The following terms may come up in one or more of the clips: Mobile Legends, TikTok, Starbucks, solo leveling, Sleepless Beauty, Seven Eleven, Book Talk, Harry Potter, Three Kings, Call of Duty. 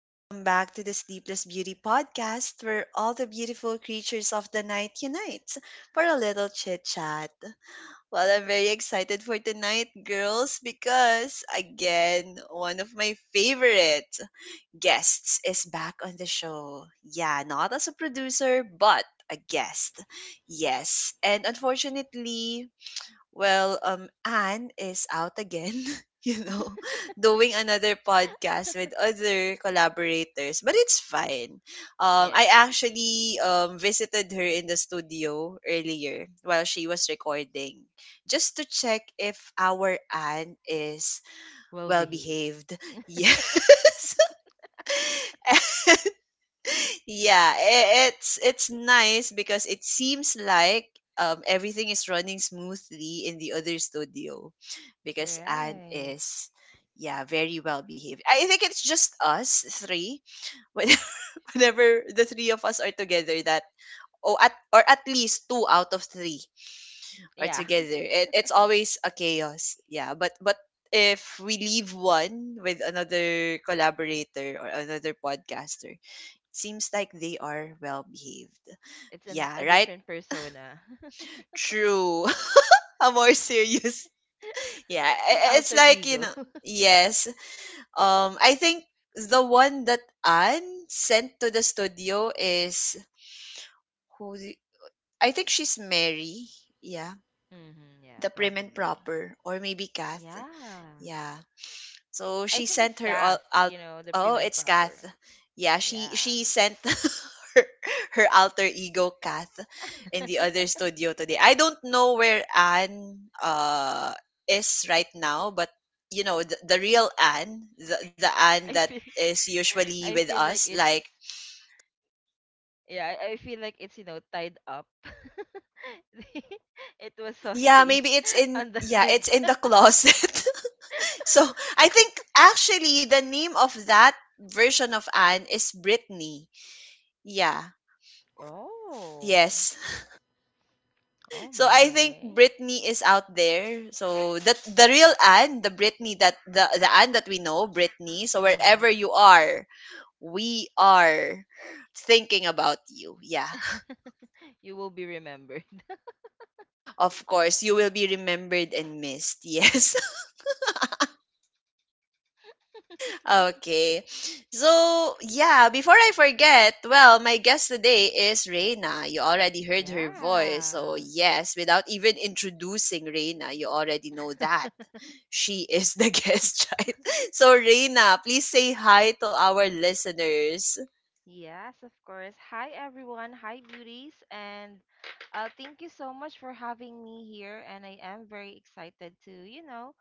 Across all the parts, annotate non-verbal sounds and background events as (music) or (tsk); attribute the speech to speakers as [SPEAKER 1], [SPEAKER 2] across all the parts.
[SPEAKER 1] Welcome back to the Sleepless Beauty podcast, where all the beautiful creatures of the night unite for a little chit chat. Well, I'm very excited for tonight, girls, because again, one of my favorite guests is back on the show. Yeah, not as a producer, but a guest. Yes, and unfortunately, well, Anne is out again, (laughs) you know, (laughs) doing another podcast with other collaborators, but it's fine.
[SPEAKER 2] Yeah.
[SPEAKER 1] I actually visited her in the studio earlier while she was recording, just to check if our Anne is
[SPEAKER 2] Well
[SPEAKER 1] well
[SPEAKER 2] behaved.
[SPEAKER 1] behaved. (laughs) Yes. (laughs) Yeah, it's nice because it seems like everything is running smoothly in the other studio because
[SPEAKER 2] Right.
[SPEAKER 1] Anne is yeah very well behaved. I think it's just us three. (laughs) when- whenever the three of us are together, that oh, at or at least two out of three are
[SPEAKER 2] Yeah.
[SPEAKER 1] together, it's always a chaos. Yeah, but if we leave one with another collaborator or another podcaster, seems like they are well behaved.
[SPEAKER 2] It's an,
[SPEAKER 1] Yeah,
[SPEAKER 2] a
[SPEAKER 1] right?
[SPEAKER 2] different persona.
[SPEAKER 1] True. (laughs) A more serious. (laughs) Yeah,
[SPEAKER 2] (laughs) An
[SPEAKER 1] it's
[SPEAKER 2] alter
[SPEAKER 1] like, you
[SPEAKER 2] ego.
[SPEAKER 1] know, yes. I think the one that Anne sent to the studio is who the- I think she's Mary. Yeah.
[SPEAKER 2] (laughs) Hmm, yeah,
[SPEAKER 1] The prim and
[SPEAKER 2] probably.
[SPEAKER 1] proper, or maybe Kath.
[SPEAKER 2] Yeah.
[SPEAKER 1] Yeah. So
[SPEAKER 2] I
[SPEAKER 1] she
[SPEAKER 2] think
[SPEAKER 1] sent
[SPEAKER 2] it's
[SPEAKER 1] her all
[SPEAKER 2] gas,
[SPEAKER 1] out.
[SPEAKER 2] you know, the
[SPEAKER 1] Oh,
[SPEAKER 2] prim and
[SPEAKER 1] it's
[SPEAKER 2] proper.
[SPEAKER 1] Kath. Yeah, she
[SPEAKER 2] Yeah.
[SPEAKER 1] she sent (laughs) her, her alter ego Kath in the other studio today. I don't know where Anne is right now, but you know the real Anne, the
[SPEAKER 2] (laughs)
[SPEAKER 1] Anne
[SPEAKER 2] I
[SPEAKER 1] that
[SPEAKER 2] feel
[SPEAKER 1] is
[SPEAKER 2] (laughs)
[SPEAKER 1] usually
[SPEAKER 2] I
[SPEAKER 1] with
[SPEAKER 2] feel like
[SPEAKER 1] us.
[SPEAKER 2] it's,
[SPEAKER 1] Like
[SPEAKER 2] yeah, I feel like it's, you know, tied up. (laughs) The- it was
[SPEAKER 1] yeah, maybe
[SPEAKER 2] hostage
[SPEAKER 1] it's
[SPEAKER 2] (laughs)
[SPEAKER 1] in
[SPEAKER 2] on the
[SPEAKER 1] yeah
[SPEAKER 2] head.
[SPEAKER 1] it's in the closet. (laughs) So I think actually the name of that version of Anne is Brittany. Yeah.
[SPEAKER 2] Oh.
[SPEAKER 1] Yes.
[SPEAKER 2] Oh
[SPEAKER 1] So I think
[SPEAKER 2] my.
[SPEAKER 1] Britney is out there. So that the real Anne, the Britney that the Anne that we know, Britney. So wherever
[SPEAKER 2] Mhm.
[SPEAKER 1] you are, we are thinking about you. Yeah.
[SPEAKER 2] You will be remembered. (laughs)
[SPEAKER 1] Of course, you will be remembered and missed. Yes. (laughs) Okay. So, yeah, before I forget, well, my guest today is Reina. You already heard her voice. So,
[SPEAKER 2] Yeah.
[SPEAKER 1] yes, without even introducing Reina, you already know that she is the (laughs) guest child. So Reina, please say hi to our listeners.
[SPEAKER 2] Yes, of course. Hi, everyone. Hi, beauties. And thank you so much for having me here. And I am very excited to, you know,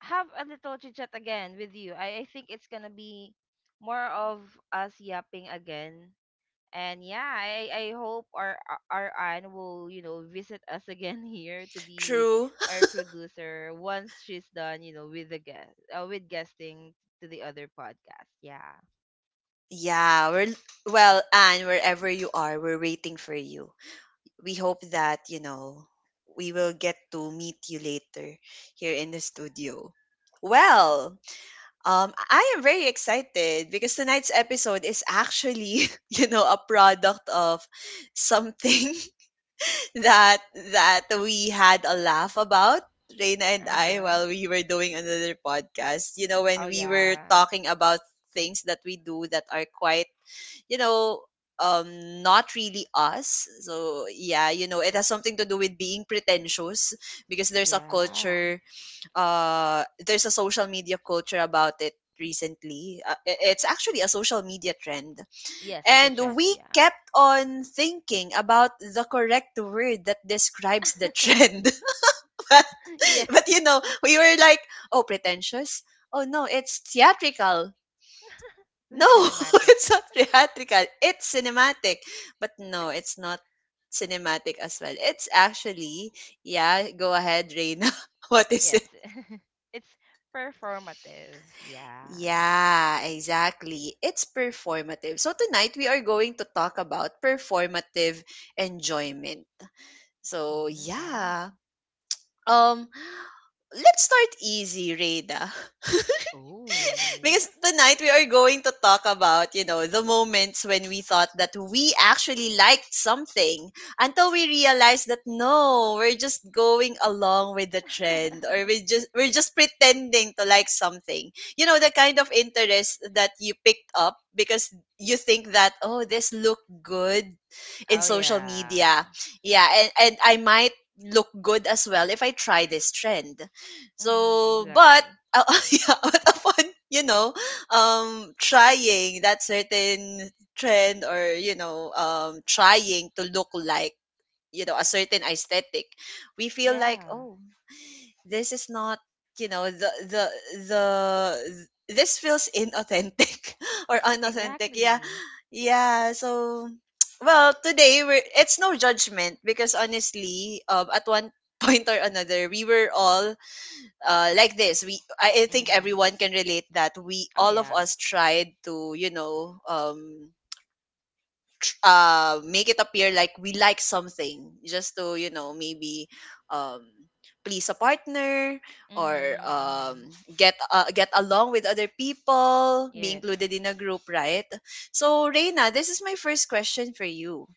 [SPEAKER 2] have a little chit chat again with you. I think it's gonna be more of us yapping again. And yeah, I hope our Anne will, you know, visit us (laughs) again here to be
[SPEAKER 1] True.
[SPEAKER 2] our producer once she's done, you know, with the guest with guesting to the other podcast. Yeah.
[SPEAKER 1] Yeah, we're well, Anne, wherever you are, we're waiting for you. We hope that, you know, we will get to meet you later here in the studio. Well, I am very excited because tonight's episode is actually, (laughs) you know, a product of something that we had a laugh about, Reina and I,
[SPEAKER 2] Uh-huh.
[SPEAKER 1] while we were doing another podcast. You know, when
[SPEAKER 2] Oh
[SPEAKER 1] we were
[SPEAKER 2] yeah.
[SPEAKER 1] talking about things that we do that are quite, you know, not really us. So yeah, you know, it has something to do with being pretentious because there's a
[SPEAKER 2] Yeah.
[SPEAKER 1] culture there's a social media culture about it recently. It's actually a social media trend,
[SPEAKER 2] Yes, it's a
[SPEAKER 1] and
[SPEAKER 2] trend,
[SPEAKER 1] we
[SPEAKER 2] yeah.
[SPEAKER 1] kept on thinking about the correct word that describes the trend. (laughs) but,
[SPEAKER 2] (laughs) Yes. (laughs)
[SPEAKER 1] but you know, we were like, oh, pretentious. Oh, no, it's theatrical.
[SPEAKER 2] The
[SPEAKER 1] No, (laughs)
[SPEAKER 2] cinematic.
[SPEAKER 1] it's not theatrical. It's cinematic. But no, it's not cinematic as well. It's actually, yeah, go ahead, Reina. (laughs) What
[SPEAKER 2] (laughs)
[SPEAKER 1] is
[SPEAKER 2] Yes.
[SPEAKER 1] it?
[SPEAKER 2] It's performative. Yeah.
[SPEAKER 1] Yeah, exactly. It's performative. So tonight we are going to talk about performative enjoyment. So
[SPEAKER 2] Mhm, mhm.
[SPEAKER 1] yeah. Um let's start easy, Rada,
[SPEAKER 2] Ooh.
[SPEAKER 1] because tonight we are going to talk about, you know, the moments when we thought that we actually liked something, until we realized that no, we're just going along with the trend, or
[SPEAKER 2] (laughs)
[SPEAKER 1] we're just pretending to like something. You know, the kind of interest that you picked up because you think that oh, this looked good in
[SPEAKER 2] Oh
[SPEAKER 1] social
[SPEAKER 2] yeah.
[SPEAKER 1] media. Yeah, and I might look good as well if I try this trend.
[SPEAKER 2] Mhm,
[SPEAKER 1] So, but
[SPEAKER 2] exactly.
[SPEAKER 1] out (laughs) yeah, out upon, you know, trying that certain trend, or you know, trying to look like, you know, a certain aesthetic, we feel like
[SPEAKER 2] Yeah.
[SPEAKER 1] oh, this is not, you know, the this feels inauthentic (laughs) or
[SPEAKER 2] (laughs)
[SPEAKER 1] unauthentic, yeah,
[SPEAKER 2] Exactly.
[SPEAKER 1] yeah. So (tsk) well today we're it's no judgment because honestly, at one (laughs) point or another, we were all like this. We I think
[SPEAKER 2] Mhm.
[SPEAKER 1] everyone can relate that we
[SPEAKER 2] Oh
[SPEAKER 1] all of
[SPEAKER 2] yeah.
[SPEAKER 1] us tried to, you know, (tsk) make it appear like we like something just to, you know, maybe um please a partner, or
[SPEAKER 2] Mhm,
[SPEAKER 1] um
[SPEAKER 2] mhm.
[SPEAKER 1] get along with other people, be
[SPEAKER 2] Yes.
[SPEAKER 1] included in a group, right? So
[SPEAKER 2] Yes.
[SPEAKER 1] Reina, this is my first question for you.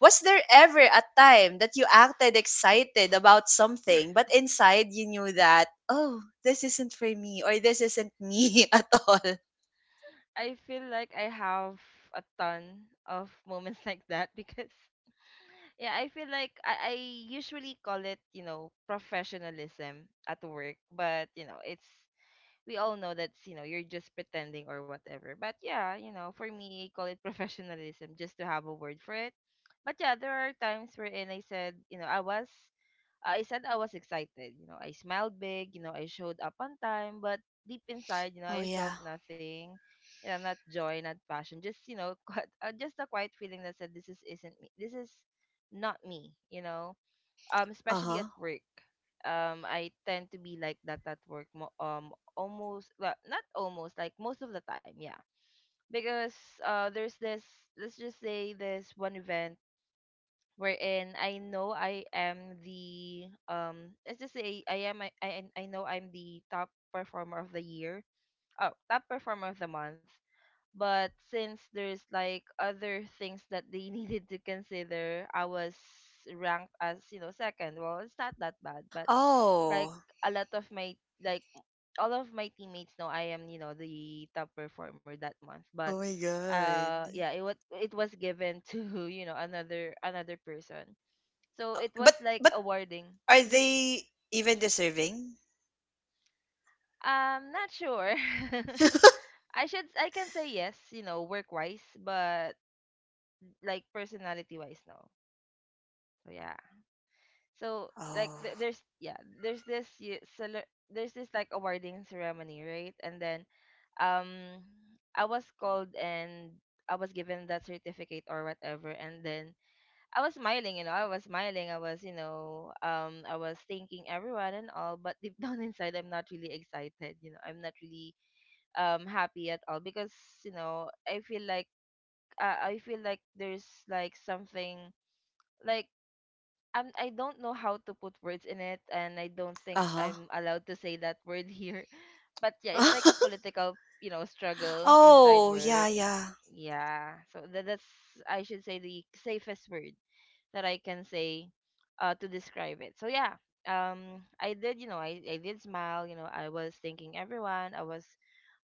[SPEAKER 1] Was there ever a time that you acted excited about something, but inside you knew that, oh, this isn't for me, or this isn't me (laughs) at all?
[SPEAKER 2] I feel like I have a ton of (laughs) moments like that, because (laughs) yeah, I feel like I usually call it, you know, professionalism at work. But you know, it's, we all know that's, you know, you're just pretending or whatever. But yeah, you know, for me, call it (laughs) professionalism just to have a word for it. But yeah, there are times wherein I said, you know, I said I was excited. You know, I smiled big, you know, I showed up on time, but deep inside, you know,
[SPEAKER 1] Oh,
[SPEAKER 2] I felt
[SPEAKER 1] yeah.
[SPEAKER 2] nothing. You know, not joy, not passion, just, you know, (laughs) just a quiet feeling that said, this is isn't me, this is not me, you know.
[SPEAKER 1] Uh
[SPEAKER 2] Especially
[SPEAKER 1] huh.
[SPEAKER 2] at work, I tend to be like that at work, almost, well, not almost, like most of the time, yeah. Because there's this, let's just say this one event wherein I know I am the, let's just say I am I know I'm the top performer of the year. Oh, top performer of the month. But since there's like other things that they (laughs) needed to consider, I was ranked as, you know, second. Well, it's not that bad, but like
[SPEAKER 1] Oh.
[SPEAKER 2] a lot of my, like all of my teammates know I am, you know, the top performer that month. But
[SPEAKER 1] Oh my god.
[SPEAKER 2] yeah, it was, it was given to, (laughs) you know, another person. So it was like
[SPEAKER 1] But
[SPEAKER 2] awarding.
[SPEAKER 1] are
[SPEAKER 2] Hmm.
[SPEAKER 1] they even deserving?
[SPEAKER 2] I'm not sure. (laughs) I should, I can say yes, you know, work wise, but like personality wise, no. So yeah. So like
[SPEAKER 1] Oh.
[SPEAKER 2] there's, yeah, there's this, you there's this like awarding ceremony, right? And then um I was called, and I was given that certificate or whatever. And then I was smiling, you know, I was smiling, I was, you know, I was thanking everyone and all, but deep (laughs) down inside, I'm not really excited, you know, I'm not really happy at all. Because you know I feel like, I feel like there's like something, like I don't know how to put words in it, and I don't think
[SPEAKER 1] Uh-huh.
[SPEAKER 2] I'm allowed to say that word here. (laughs) But yeah, it's like a
[SPEAKER 1] (laughs)
[SPEAKER 2] political, you know, struggle inside
[SPEAKER 1] Oh, yeah,
[SPEAKER 2] work.
[SPEAKER 1] yeah.
[SPEAKER 2] Yeah, so that's, I should say, the safest word that I can say to describe it. So yeah, I did, you know, I did smile. You know, I was thanking everyone. I was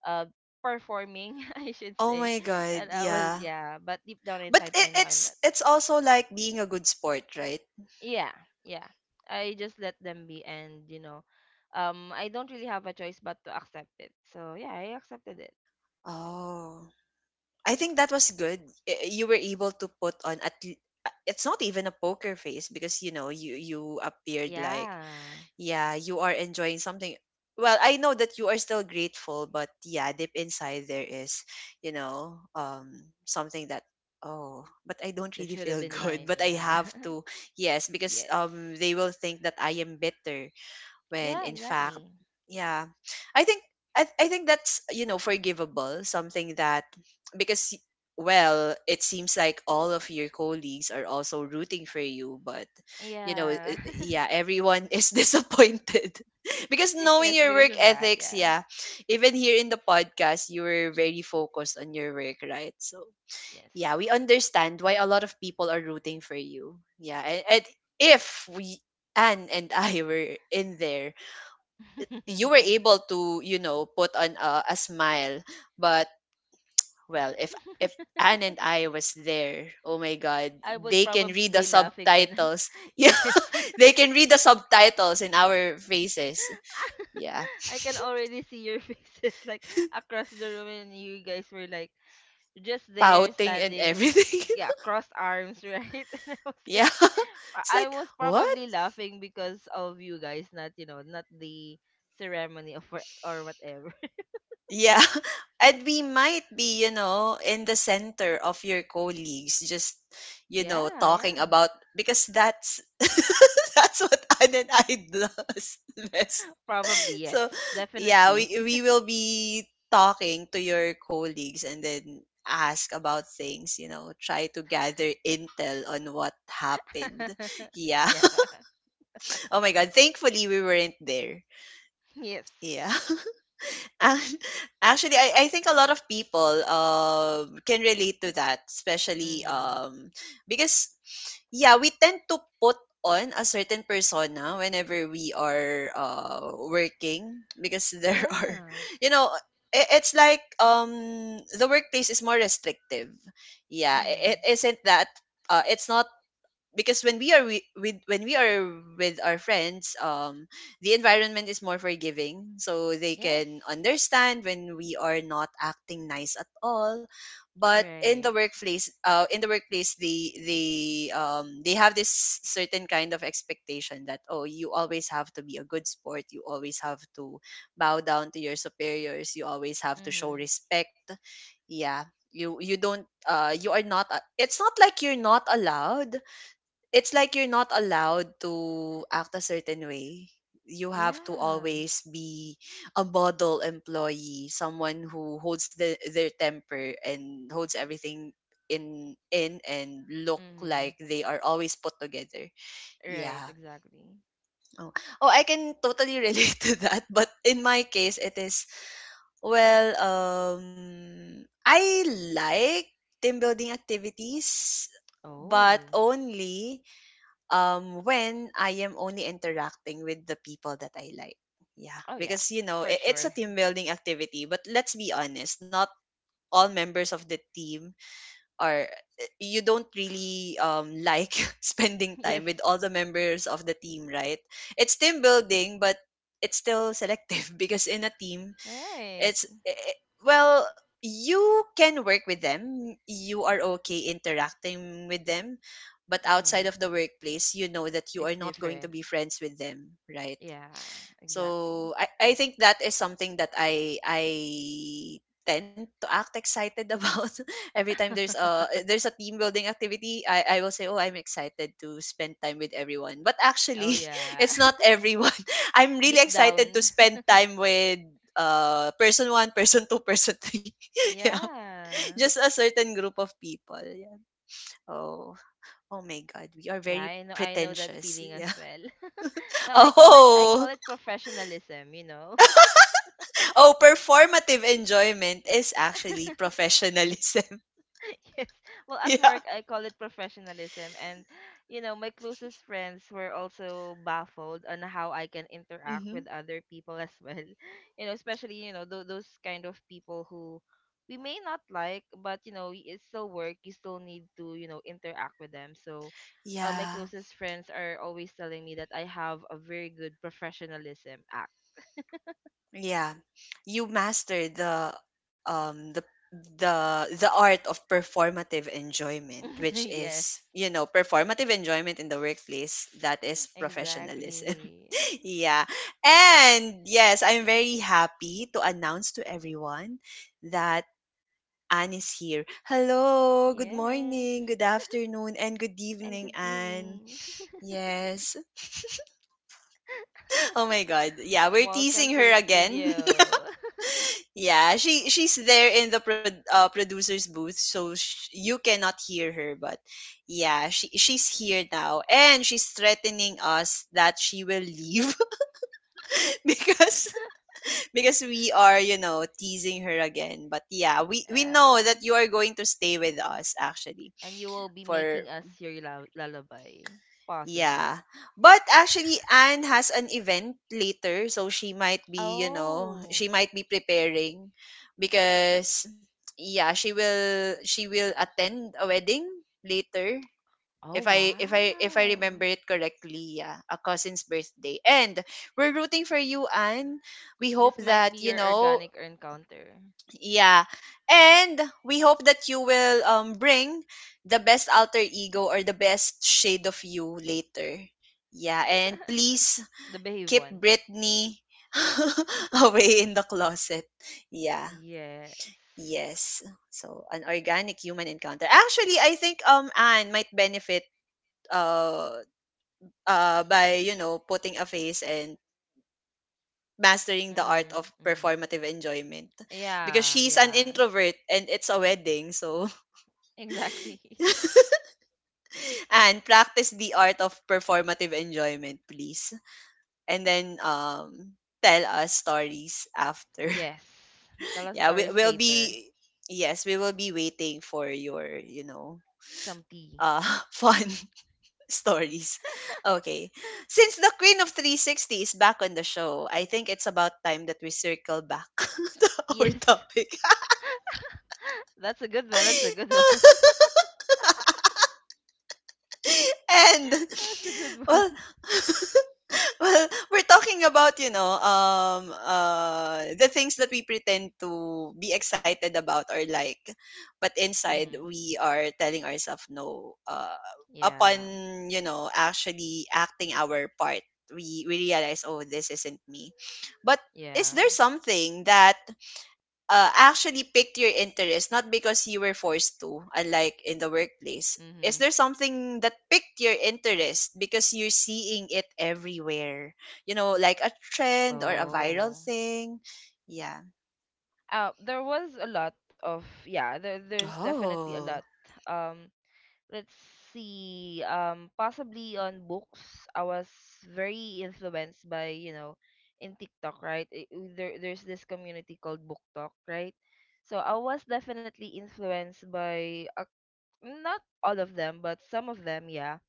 [SPEAKER 2] uh performing, (laughs) I should
[SPEAKER 1] Oh
[SPEAKER 2] say,
[SPEAKER 1] my
[SPEAKER 2] and
[SPEAKER 1] god,
[SPEAKER 2] I was,
[SPEAKER 1] yeah.
[SPEAKER 2] yeah. But deep down
[SPEAKER 1] But
[SPEAKER 2] inside, I
[SPEAKER 1] it,
[SPEAKER 2] know I'm
[SPEAKER 1] it's
[SPEAKER 2] not.
[SPEAKER 1] it's also like being a good sport, right?
[SPEAKER 2] Yeah, yeah. I just let them be. And you know, I don't really have a choice but to accept it. So yeah, I accepted it.
[SPEAKER 1] Oh. I think that was good. You were able to put on at it's not even a poker face because you know you appeared like
[SPEAKER 2] Yeah.
[SPEAKER 1] yeah you are enjoying something. Well, I know that you are still grateful, but yeah, deep inside there is, you know, something that oh but I don't
[SPEAKER 2] That
[SPEAKER 1] really
[SPEAKER 2] should have
[SPEAKER 1] feel
[SPEAKER 2] been
[SPEAKER 1] (laughs) good,
[SPEAKER 2] mine,
[SPEAKER 1] but I
[SPEAKER 2] yeah.
[SPEAKER 1] have to yes
[SPEAKER 2] (laughs)
[SPEAKER 1] because
[SPEAKER 2] Yes.
[SPEAKER 1] they will think that I am bitter when
[SPEAKER 2] Yeah,
[SPEAKER 1] in fact
[SPEAKER 2] exactly.
[SPEAKER 1] yeah i think I think that's, you know, forgivable, something that because well it seems like all of your colleagues are also rooting for you but you know
[SPEAKER 2] Yeah.
[SPEAKER 1] yeah everyone is (laughs) disappointed (laughs) because
[SPEAKER 2] (laughs)
[SPEAKER 1] knowing
[SPEAKER 2] Yes,
[SPEAKER 1] your
[SPEAKER 2] because
[SPEAKER 1] work
[SPEAKER 2] of that,
[SPEAKER 1] ethics,
[SPEAKER 2] yeah.
[SPEAKER 1] yeah, even here in the podcast you were very focused on your work, right? So
[SPEAKER 2] Yes.
[SPEAKER 1] yeah, we understand why a lot of people are rooting for you, yeah, and if we Anne and I (laughs) were in there, you were able
[SPEAKER 2] (laughs)
[SPEAKER 1] to, you know, put on a smile, but well if if Anne and I was there, oh my god,
[SPEAKER 2] I would
[SPEAKER 1] they can
[SPEAKER 2] probably
[SPEAKER 1] read the
[SPEAKER 2] be laughing when
[SPEAKER 1] subtitles. (laughs)
[SPEAKER 2] (laughs)
[SPEAKER 1] Yeah,
[SPEAKER 2] yes. (laughs)
[SPEAKER 1] they can read the subtitles in our faces. Yeah,
[SPEAKER 2] I can already see your (laughs) faces like across the room, and you guys were like just there
[SPEAKER 1] pouting and
[SPEAKER 2] standing,
[SPEAKER 1] everything.
[SPEAKER 2] yeah, crossed arms, (laughs) right? And I was
[SPEAKER 1] (laughs)
[SPEAKER 2] like,
[SPEAKER 1] Yeah, (laughs)
[SPEAKER 2] I
[SPEAKER 1] it's
[SPEAKER 2] I
[SPEAKER 1] like
[SPEAKER 2] was
[SPEAKER 1] what.
[SPEAKER 2] probably laughing because of you guys, not, you know, not the ceremony of what or whatever. (laughs)
[SPEAKER 1] Yeah. (laughs) And we might be, you know, in the center of your colleagues just, you know,
[SPEAKER 2] Yeah,
[SPEAKER 1] talking
[SPEAKER 2] yeah.
[SPEAKER 1] about because that's (laughs) that's what Anne and I does (laughs) best.
[SPEAKER 2] Probably yes,
[SPEAKER 1] So, yeah,
[SPEAKER 2] definitely.
[SPEAKER 1] we will be talking to your colleagues and then ask about things, you know, try to gather intel on what happened.
[SPEAKER 2] (laughs)
[SPEAKER 1] Yeah.
[SPEAKER 2] Yeah.
[SPEAKER 1] (laughs) Oh my god, thankfully we weren't there.
[SPEAKER 2] Yes.
[SPEAKER 1] Yeah. (laughs) Ac- Actually, I think a lot of people can relate to that, especially
[SPEAKER 2] Mhm.
[SPEAKER 1] because yeah, we tend to put on a certain persona whenever we are working because there (laughs) are,
[SPEAKER 2] Yeah.
[SPEAKER 1] you know, it's like the workplace is more restrictive. Yeah, I- it
[SPEAKER 2] Mhm.
[SPEAKER 1] isn't that it's not because when we are wi- with when we are with our friends, the environment is more forgiving, so they can
[SPEAKER 2] Yes.
[SPEAKER 1] understand when we are not acting nice at all, but
[SPEAKER 2] Right.
[SPEAKER 1] in the workplace they have this certain kind of expectation that oh you always have to be a good sport, you always have to bow down to your superiors, you always have to show
[SPEAKER 2] Mhm.
[SPEAKER 1] respect, yeah, you don't you are not it's not like you're not allowed, it's like you're not allowed to act a certain way. You have to
[SPEAKER 2] Yeah.
[SPEAKER 1] always be a model employee, someone who holds their temper and holds everything in, and look
[SPEAKER 2] Mhm.
[SPEAKER 1] like they are always put together.
[SPEAKER 2] Right,
[SPEAKER 1] Yeah.
[SPEAKER 2] exactly.
[SPEAKER 1] Oh, oh I can totally relate (laughs) to that, but in my case it is, well, I like team building activities, but
[SPEAKER 2] Oh.
[SPEAKER 1] only, when I am only interacting with the people that I like. Yeah,
[SPEAKER 2] Oh yeah,
[SPEAKER 1] because you know
[SPEAKER 2] for
[SPEAKER 1] it's
[SPEAKER 2] sure.
[SPEAKER 1] a team
[SPEAKER 2] (laughs)
[SPEAKER 1] building activity, but let's be honest, not all members of the team are, you don't really, like (laughs) spending
[SPEAKER 2] Yes.
[SPEAKER 1] time with all the members of the team, right? It's team building but it's still selective. (laughs) Because in a team
[SPEAKER 2] Right.
[SPEAKER 1] it's i- well, you can work with them. You are okay interacting with them, but outside
[SPEAKER 2] Mm-hmm.
[SPEAKER 1] of the workplace, you know that you are
[SPEAKER 2] It's
[SPEAKER 1] not going to
[SPEAKER 2] different.
[SPEAKER 1] be friends with them, right?
[SPEAKER 2] Yeah, exactly.
[SPEAKER 1] So I think that is something that I tend to act excited about. (laughs) Every time there's a team building activity, I will say oh I'm excited to spend time with everyone, but
[SPEAKER 2] Oh
[SPEAKER 1] actually, (laughs)
[SPEAKER 2] yeah.
[SPEAKER 1] it's not everyone (laughs) I'm
[SPEAKER 2] (laughs)
[SPEAKER 1] really
[SPEAKER 2] Deep
[SPEAKER 1] excited to
[SPEAKER 2] down. (laughs)
[SPEAKER 1] spend time with. Person one, person two, person three, (laughs) yeah,
[SPEAKER 2] Yeah.
[SPEAKER 1] (laughs) just a certain group of people, yeah. Oh, oh my god, we are
[SPEAKER 2] Yeah,
[SPEAKER 1] very
[SPEAKER 2] I know, I know that
[SPEAKER 1] pretentious,
[SPEAKER 2] feeling as
[SPEAKER 1] yeah.
[SPEAKER 2] well. (laughs) No,
[SPEAKER 1] (laughs)
[SPEAKER 2] I call it, I call
[SPEAKER 1] Oh.
[SPEAKER 2] it professionalism, you know.
[SPEAKER 1] Oh, performative enjoyment is actually professionalism.
[SPEAKER 2] (laughs) Yes. Well,
[SPEAKER 1] (laughs)
[SPEAKER 2] at
[SPEAKER 1] Yeah.
[SPEAKER 2] work, I call it professionalism. And, you know, my closest friends were also baffled on how I can interact
[SPEAKER 1] Hmm.
[SPEAKER 2] with other people as well. (laughs) You know, especially, you know, those kind of people who we may not like, but, you know, it's still work. You still need to, you know, interact with them. So, my
[SPEAKER 1] Yeah.
[SPEAKER 2] closest friends are always telling me that I have a very good professionalism act.
[SPEAKER 1] Yeah. You master the um the the the art of performative enjoyment,
[SPEAKER 2] (laughs)
[SPEAKER 1] which
[SPEAKER 2] Yes.
[SPEAKER 1] is, you know, performative enjoyment in the workplace, that is professionalism.
[SPEAKER 2] Exactly.
[SPEAKER 1] (laughs) yeah. And yes, I'm very happy to announce to everyone that Anne is here. Hello, good
[SPEAKER 2] Yes.
[SPEAKER 1] morning, good afternoon, and good
[SPEAKER 2] And
[SPEAKER 1] evening,
[SPEAKER 2] good
[SPEAKER 1] Anne.
[SPEAKER 2] evening.
[SPEAKER 1] Yes. (laughs) Oh my god. Yeah, we're
[SPEAKER 2] Welcome
[SPEAKER 1] teasing
[SPEAKER 2] to
[SPEAKER 1] her
[SPEAKER 2] the
[SPEAKER 1] again. (laughs)
[SPEAKER 2] studio.
[SPEAKER 1] yeah, she's there in the producer's booth so you cannot hear her but yeah, she's here now and she's threatening us that she will leave (laughs) because because we are, you know, teasing her again. But yeah,
[SPEAKER 2] (laughs)
[SPEAKER 1] we know that
[SPEAKER 2] Yeah.
[SPEAKER 1] you are going to stay with us actually
[SPEAKER 2] And you will be
[SPEAKER 1] for.
[SPEAKER 2] making us your lullaby,
[SPEAKER 1] Yeah.
[SPEAKER 2] possibly.
[SPEAKER 1] But actually Anne has an event later so she might be, you know, she
[SPEAKER 2] Oh.
[SPEAKER 1] might be preparing because yeah, she will attend a wedding later
[SPEAKER 2] Oh,
[SPEAKER 1] if I
[SPEAKER 2] wow.
[SPEAKER 1] remember it correctly, yeah, a cousin's birthday. And we're rooting for you Anne. We hope
[SPEAKER 2] This might
[SPEAKER 1] that,
[SPEAKER 2] be
[SPEAKER 1] you
[SPEAKER 2] your
[SPEAKER 1] know,
[SPEAKER 2] organic encounter.
[SPEAKER 1] yeah. And we hope that you will bring the best alter ego or the best shade of you later. Yeah, and
[SPEAKER 2] (laughs)
[SPEAKER 1] please
[SPEAKER 2] The behave
[SPEAKER 1] keep
[SPEAKER 2] one.
[SPEAKER 1] Britney (laughs) away in the closet. Yeah.
[SPEAKER 2] Yes.
[SPEAKER 1] Yes. So an organic human encounter. Actually, I think Anne might benefit uh by, you know, putting a face and mastering the art
[SPEAKER 2] Mhm.
[SPEAKER 1] of
[SPEAKER 2] Mhm.
[SPEAKER 1] performative enjoyment because
[SPEAKER 2] Yeah,
[SPEAKER 1] she's an
[SPEAKER 2] yeah.
[SPEAKER 1] introvert and it's a wedding so.
[SPEAKER 2] Exactly. (laughs)
[SPEAKER 1] And practice the art of performative enjoyment, please. And then tell us stories after.
[SPEAKER 2] Yes. Tell
[SPEAKER 1] (laughs)
[SPEAKER 2] us
[SPEAKER 1] yeah, we
[SPEAKER 2] stories
[SPEAKER 1] will
[SPEAKER 2] later.
[SPEAKER 1] be yes, we will be waiting for your, you know,
[SPEAKER 2] Some tea.
[SPEAKER 1] uh (laughs) fun (laughs) stories. Okay. Since the Queen of 360 is back on the show, I think it's about time that we circle back (laughs) to our
[SPEAKER 2] Yes. (laughs)
[SPEAKER 1] topic.
[SPEAKER 2] That's a good one. That's a good
[SPEAKER 1] (laughs)
[SPEAKER 2] one.
[SPEAKER 1] and
[SPEAKER 2] (laughs) That's a good one.
[SPEAKER 1] well
[SPEAKER 2] (laughs)
[SPEAKER 1] (laughs) (laughs) well, we're talking about, you know, the things that we pretend to be excited about or like, but inside
[SPEAKER 2] Mhm.
[SPEAKER 1] we are telling ourselves no.
[SPEAKER 2] Yeah.
[SPEAKER 1] Upon, you know, actually acting our part, we realize, oh, this isn't me. But is
[SPEAKER 2] Yeah.
[SPEAKER 1] there something that actually picked your interest, not because you were forced to, unlike in the workplace. Is
[SPEAKER 2] Mm-hmm.
[SPEAKER 1] there something that picked your interest because you're seeing it everywhere? You know, like a trend or a viral
[SPEAKER 2] Oh.
[SPEAKER 1] thing? Yeah.
[SPEAKER 2] There was a lot of, yeah, there there's definitely a
[SPEAKER 1] Oh.
[SPEAKER 2] lot. Um, let's see. Possibly on books, I was very influenced by, you know, in TikTok, right? There there's this community called Book Talk, right? So I was definitely influenced by, not all of them, but some of them, yeah.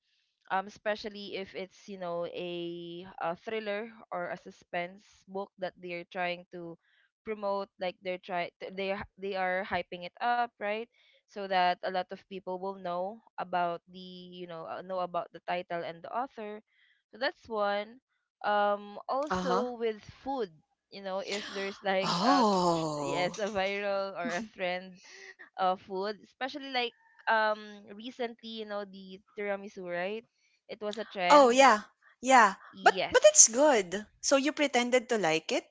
[SPEAKER 2] Especially if it's, you know, a thriller or a suspense book that they're trying to promote, like they're they are, they are hyping it up, right? So that a lot of people will know about the, you know, know about the title and the author. So that's one.
[SPEAKER 1] Uh huh.
[SPEAKER 2] Also with food, you know, if there's like a
[SPEAKER 1] Oh.
[SPEAKER 2] yes, a viral or a trend of food, especially like recently, you know, the tiramisu, right? It was a
[SPEAKER 1] Oh,
[SPEAKER 2] trend.
[SPEAKER 1] yeah. Yeah. But it's
[SPEAKER 2] Yes.
[SPEAKER 1] good. So you pretended to like it?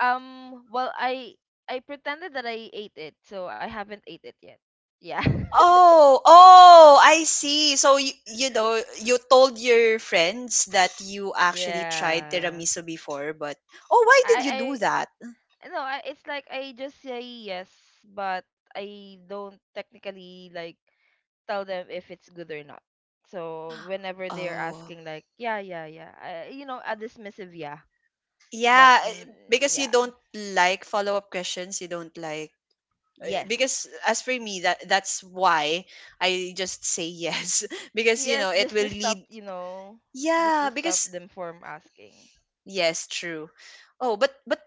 [SPEAKER 2] Well, I pretended that I ate it, so I haven't ate it yet. Yeah. (laughs)
[SPEAKER 1] Oh, oh, I see. So you know, you told your friends that you actually tried
[SPEAKER 2] Yeah.
[SPEAKER 1] tiramisu before, but oh, why
[SPEAKER 2] I
[SPEAKER 1] did you do
[SPEAKER 2] I
[SPEAKER 1] that?
[SPEAKER 2] no. I, it's like I just say yes, but I don't technically like tell them if it's good or not. So whenever they're
[SPEAKER 1] Oh.
[SPEAKER 2] asking, like, yeah, yeah, yeah, I, you know, a dismissive yeah, but
[SPEAKER 1] Yeah,
[SPEAKER 2] mm,
[SPEAKER 1] eh, because you
[SPEAKER 2] yeah,
[SPEAKER 1] don't like follow-up questions, you don't like
[SPEAKER 2] yes,
[SPEAKER 1] because as for me that's why I just say yes (laughs) because you know,
[SPEAKER 2] yes,
[SPEAKER 1] it
[SPEAKER 2] just
[SPEAKER 1] will
[SPEAKER 2] to stop,
[SPEAKER 1] lead.
[SPEAKER 2] you know, just to
[SPEAKER 1] Yeah,
[SPEAKER 2] stop
[SPEAKER 1] because
[SPEAKER 2] them from asking.
[SPEAKER 1] yes, true. Oh, but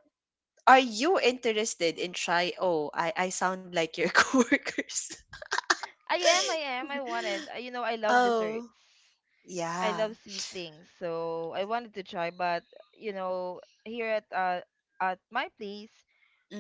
[SPEAKER 1] are you interested in try. Oh, I sound like your (laughs) coworkers.
[SPEAKER 2] I am, I am. I wanted. You know, I love desserts.
[SPEAKER 1] Oh.
[SPEAKER 2] I
[SPEAKER 1] Yeah.
[SPEAKER 2] love sweet things. So I wanted to try, but you know, here at my place,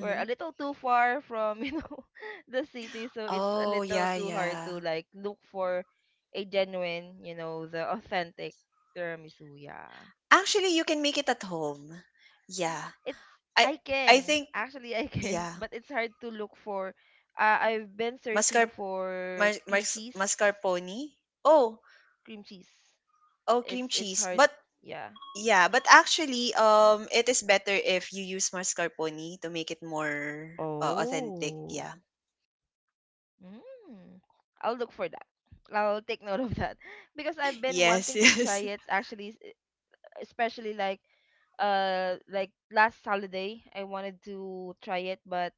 [SPEAKER 2] we're a little too far from, (laughs) you know, the city, so it's a
[SPEAKER 1] Oh,
[SPEAKER 2] little
[SPEAKER 1] yeah,
[SPEAKER 2] too hard
[SPEAKER 1] yeah.
[SPEAKER 2] to like look for a genuine, you know, the authentic tiramisu. Yeah.
[SPEAKER 1] Actually, you can make it at home. Yeah.
[SPEAKER 2] It's,
[SPEAKER 1] I
[SPEAKER 2] I
[SPEAKER 1] I
[SPEAKER 2] can.
[SPEAKER 1] think
[SPEAKER 2] Actually, I can, (laughs)
[SPEAKER 1] yeah.
[SPEAKER 2] but it's hard to look for. I've been
[SPEAKER 1] Mascar
[SPEAKER 2] searching for cream cheese.
[SPEAKER 1] Mascarpone. Oh,
[SPEAKER 2] Cream cheese.
[SPEAKER 1] oh cream
[SPEAKER 2] It's
[SPEAKER 1] cheese.
[SPEAKER 2] hard.
[SPEAKER 1] But
[SPEAKER 2] Yeah.
[SPEAKER 1] yeah, but actually it is better if you use mascarpone to make it more authentic,
[SPEAKER 2] Oh.
[SPEAKER 1] yeah.
[SPEAKER 2] Mm. I'll look for that. I'll take note of that, (laughs) because I've been
[SPEAKER 1] Yes,
[SPEAKER 2] wanting to try
[SPEAKER 1] (laughs) yes.
[SPEAKER 2] it actually, especially like last holiday I wanted to try it, but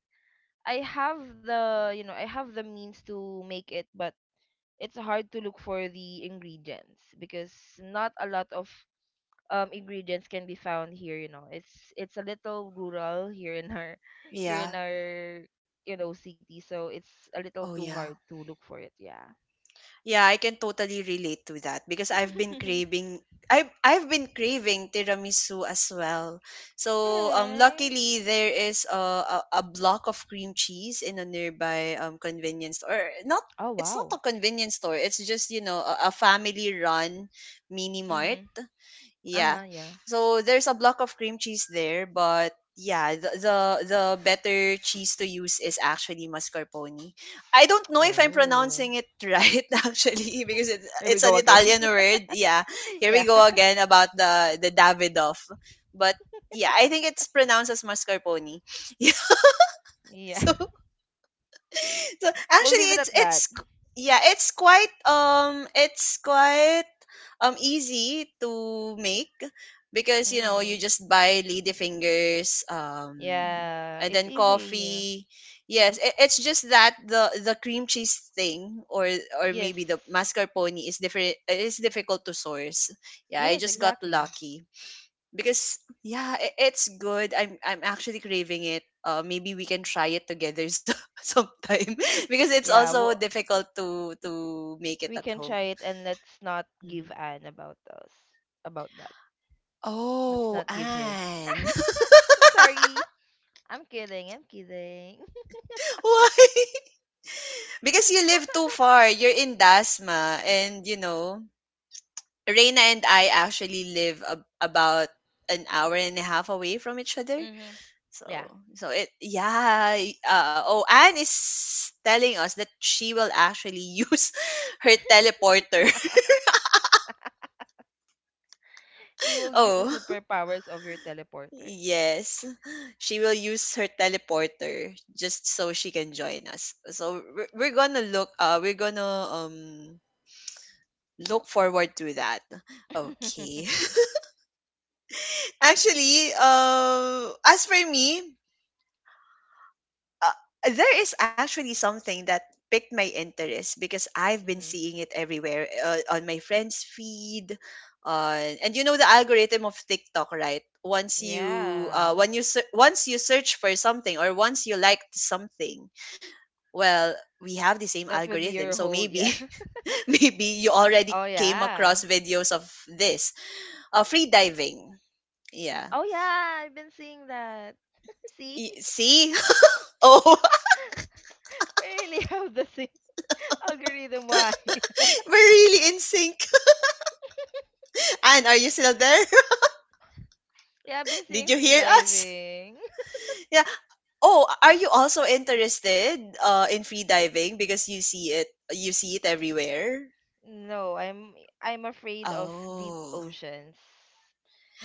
[SPEAKER 2] I have the, you know, I have the means to make it, but it's hard to look for the ingredients, because not a lot of ingredients can be found here. You know, it's a little rural here in our (laughs) here in
[SPEAKER 1] Yeah.
[SPEAKER 2] our, you know, city, so it's a little
[SPEAKER 1] Oh,
[SPEAKER 2] too
[SPEAKER 1] yeah.
[SPEAKER 2] hard to look for it, yeah.
[SPEAKER 1] Yeah, I can totally relate to that because I've been
[SPEAKER 2] (laughs)
[SPEAKER 1] craving I've been craving tiramisu as well. So
[SPEAKER 2] Right.
[SPEAKER 1] luckily there is a block of cream cheese in a nearby convenience store. Or not,
[SPEAKER 2] Oh,
[SPEAKER 1] it's not
[SPEAKER 2] wow.
[SPEAKER 1] a convenience store. It's just, you know, a family run mini mart.
[SPEAKER 2] Mm-hmm.
[SPEAKER 1] Yeah.
[SPEAKER 2] Uh-huh, yeah.
[SPEAKER 1] So there's a block of cream cheese there, but yeah, the better cheese to use is actually mascarpone. I don't know if I'm
[SPEAKER 2] Oh,
[SPEAKER 1] pronouncing it (laughs) right actually because it's
[SPEAKER 2] here we
[SPEAKER 1] it's an
[SPEAKER 2] go again.
[SPEAKER 1] Italian word. Yeah.
[SPEAKER 2] (laughs)
[SPEAKER 1] Here we
[SPEAKER 2] Yeah.
[SPEAKER 1] go
[SPEAKER 2] (laughs)
[SPEAKER 1] again about the Davidoff. But yeah, I think it's pronounced as mascarpone. (laughs) Yeah.
[SPEAKER 2] Yeah,
[SPEAKER 1] So so
[SPEAKER 2] we'll
[SPEAKER 1] actually
[SPEAKER 2] leave it
[SPEAKER 1] it's
[SPEAKER 2] at
[SPEAKER 1] it's
[SPEAKER 2] that.
[SPEAKER 1] yeah it's quite easy to make because you know you
[SPEAKER 2] Mm-hmm.
[SPEAKER 1] just buy lady fingers
[SPEAKER 2] Yeah,
[SPEAKER 1] and
[SPEAKER 2] it's
[SPEAKER 1] then
[SPEAKER 2] easy.
[SPEAKER 1] coffee yes it, it's just that the cream cheese thing or maybe the
[SPEAKER 2] Yes.
[SPEAKER 1] mascarpone is different is difficult to source yeah I
[SPEAKER 2] Yes,
[SPEAKER 1] just got
[SPEAKER 2] exactly.
[SPEAKER 1] lucky because yeah it's good I'm actually craving it maybe we can try it together so, (laughs) sometime (laughs) because it's
[SPEAKER 2] Yeah,
[SPEAKER 1] also
[SPEAKER 2] well,
[SPEAKER 1] difficult to make
[SPEAKER 2] we
[SPEAKER 1] it at
[SPEAKER 2] can try
[SPEAKER 1] home.
[SPEAKER 2] it, and let's not give
[SPEAKER 1] Mhm.
[SPEAKER 2] an about us about that. Let's
[SPEAKER 1] Oh
[SPEAKER 2] not give her.
[SPEAKER 1] Anne. (laughs)
[SPEAKER 2] I'm sorry. I'm kidding. I'm kidding.
[SPEAKER 1] Why (laughs) because you
[SPEAKER 2] (laughs)
[SPEAKER 1] live too far you're in Dasma and you know Reina and I actually live about an hour and a half away from each other.
[SPEAKER 2] Mm-hmm.
[SPEAKER 1] So
[SPEAKER 2] Yeah.
[SPEAKER 1] so it yeah oh Anne is telling us that she will actually (laughs) use her teleporter.
[SPEAKER 2] (laughs) You
[SPEAKER 1] (laughs)
[SPEAKER 2] will use the
[SPEAKER 1] Oh
[SPEAKER 2] superpowers of your teleporter.
[SPEAKER 1] yes, she will use her teleporter just so she can join us. So we're gonna look forward to that.
[SPEAKER 2] (laughs)
[SPEAKER 1] Okay. (laughs) Actually, as for me. uh, there is actually something that picked my interest because I've been
[SPEAKER 2] Mm-hmm.
[SPEAKER 1] seeing it everywhere on my friends' feed. On and you know the algorithm of TikTok, right? Once you
[SPEAKER 2] Yeah.
[SPEAKER 1] when you once you search for something or once you like something, well, we have the same
[SPEAKER 2] That would be
[SPEAKER 1] algorithm,
[SPEAKER 2] your
[SPEAKER 1] so
[SPEAKER 2] whole,
[SPEAKER 1] maybe
[SPEAKER 2] yeah. (laughs)
[SPEAKER 1] (laughs) maybe you already
[SPEAKER 2] Oh
[SPEAKER 1] came
[SPEAKER 2] yeah.
[SPEAKER 1] across videos of this free diving. Yeah,
[SPEAKER 2] Oh yeah, I've been seeing that. (laughs) See? (laughs)
[SPEAKER 1] See, (laughs) oh,
[SPEAKER 2] We really have the same (laughs) algorithm why.
[SPEAKER 1] (laughs) we're really in sync. (laughs) And are you still there?
[SPEAKER 2] (laughs) Yeah, I've been
[SPEAKER 1] Did
[SPEAKER 2] seeing
[SPEAKER 1] you
[SPEAKER 2] free
[SPEAKER 1] hear us? (laughs)
[SPEAKER 2] diving.
[SPEAKER 1] Yeah. Oh, are you also interested in free diving because you see it everywhere?
[SPEAKER 2] (laughs) No, I'm afraid of deep
[SPEAKER 1] Oh.
[SPEAKER 2] oceans.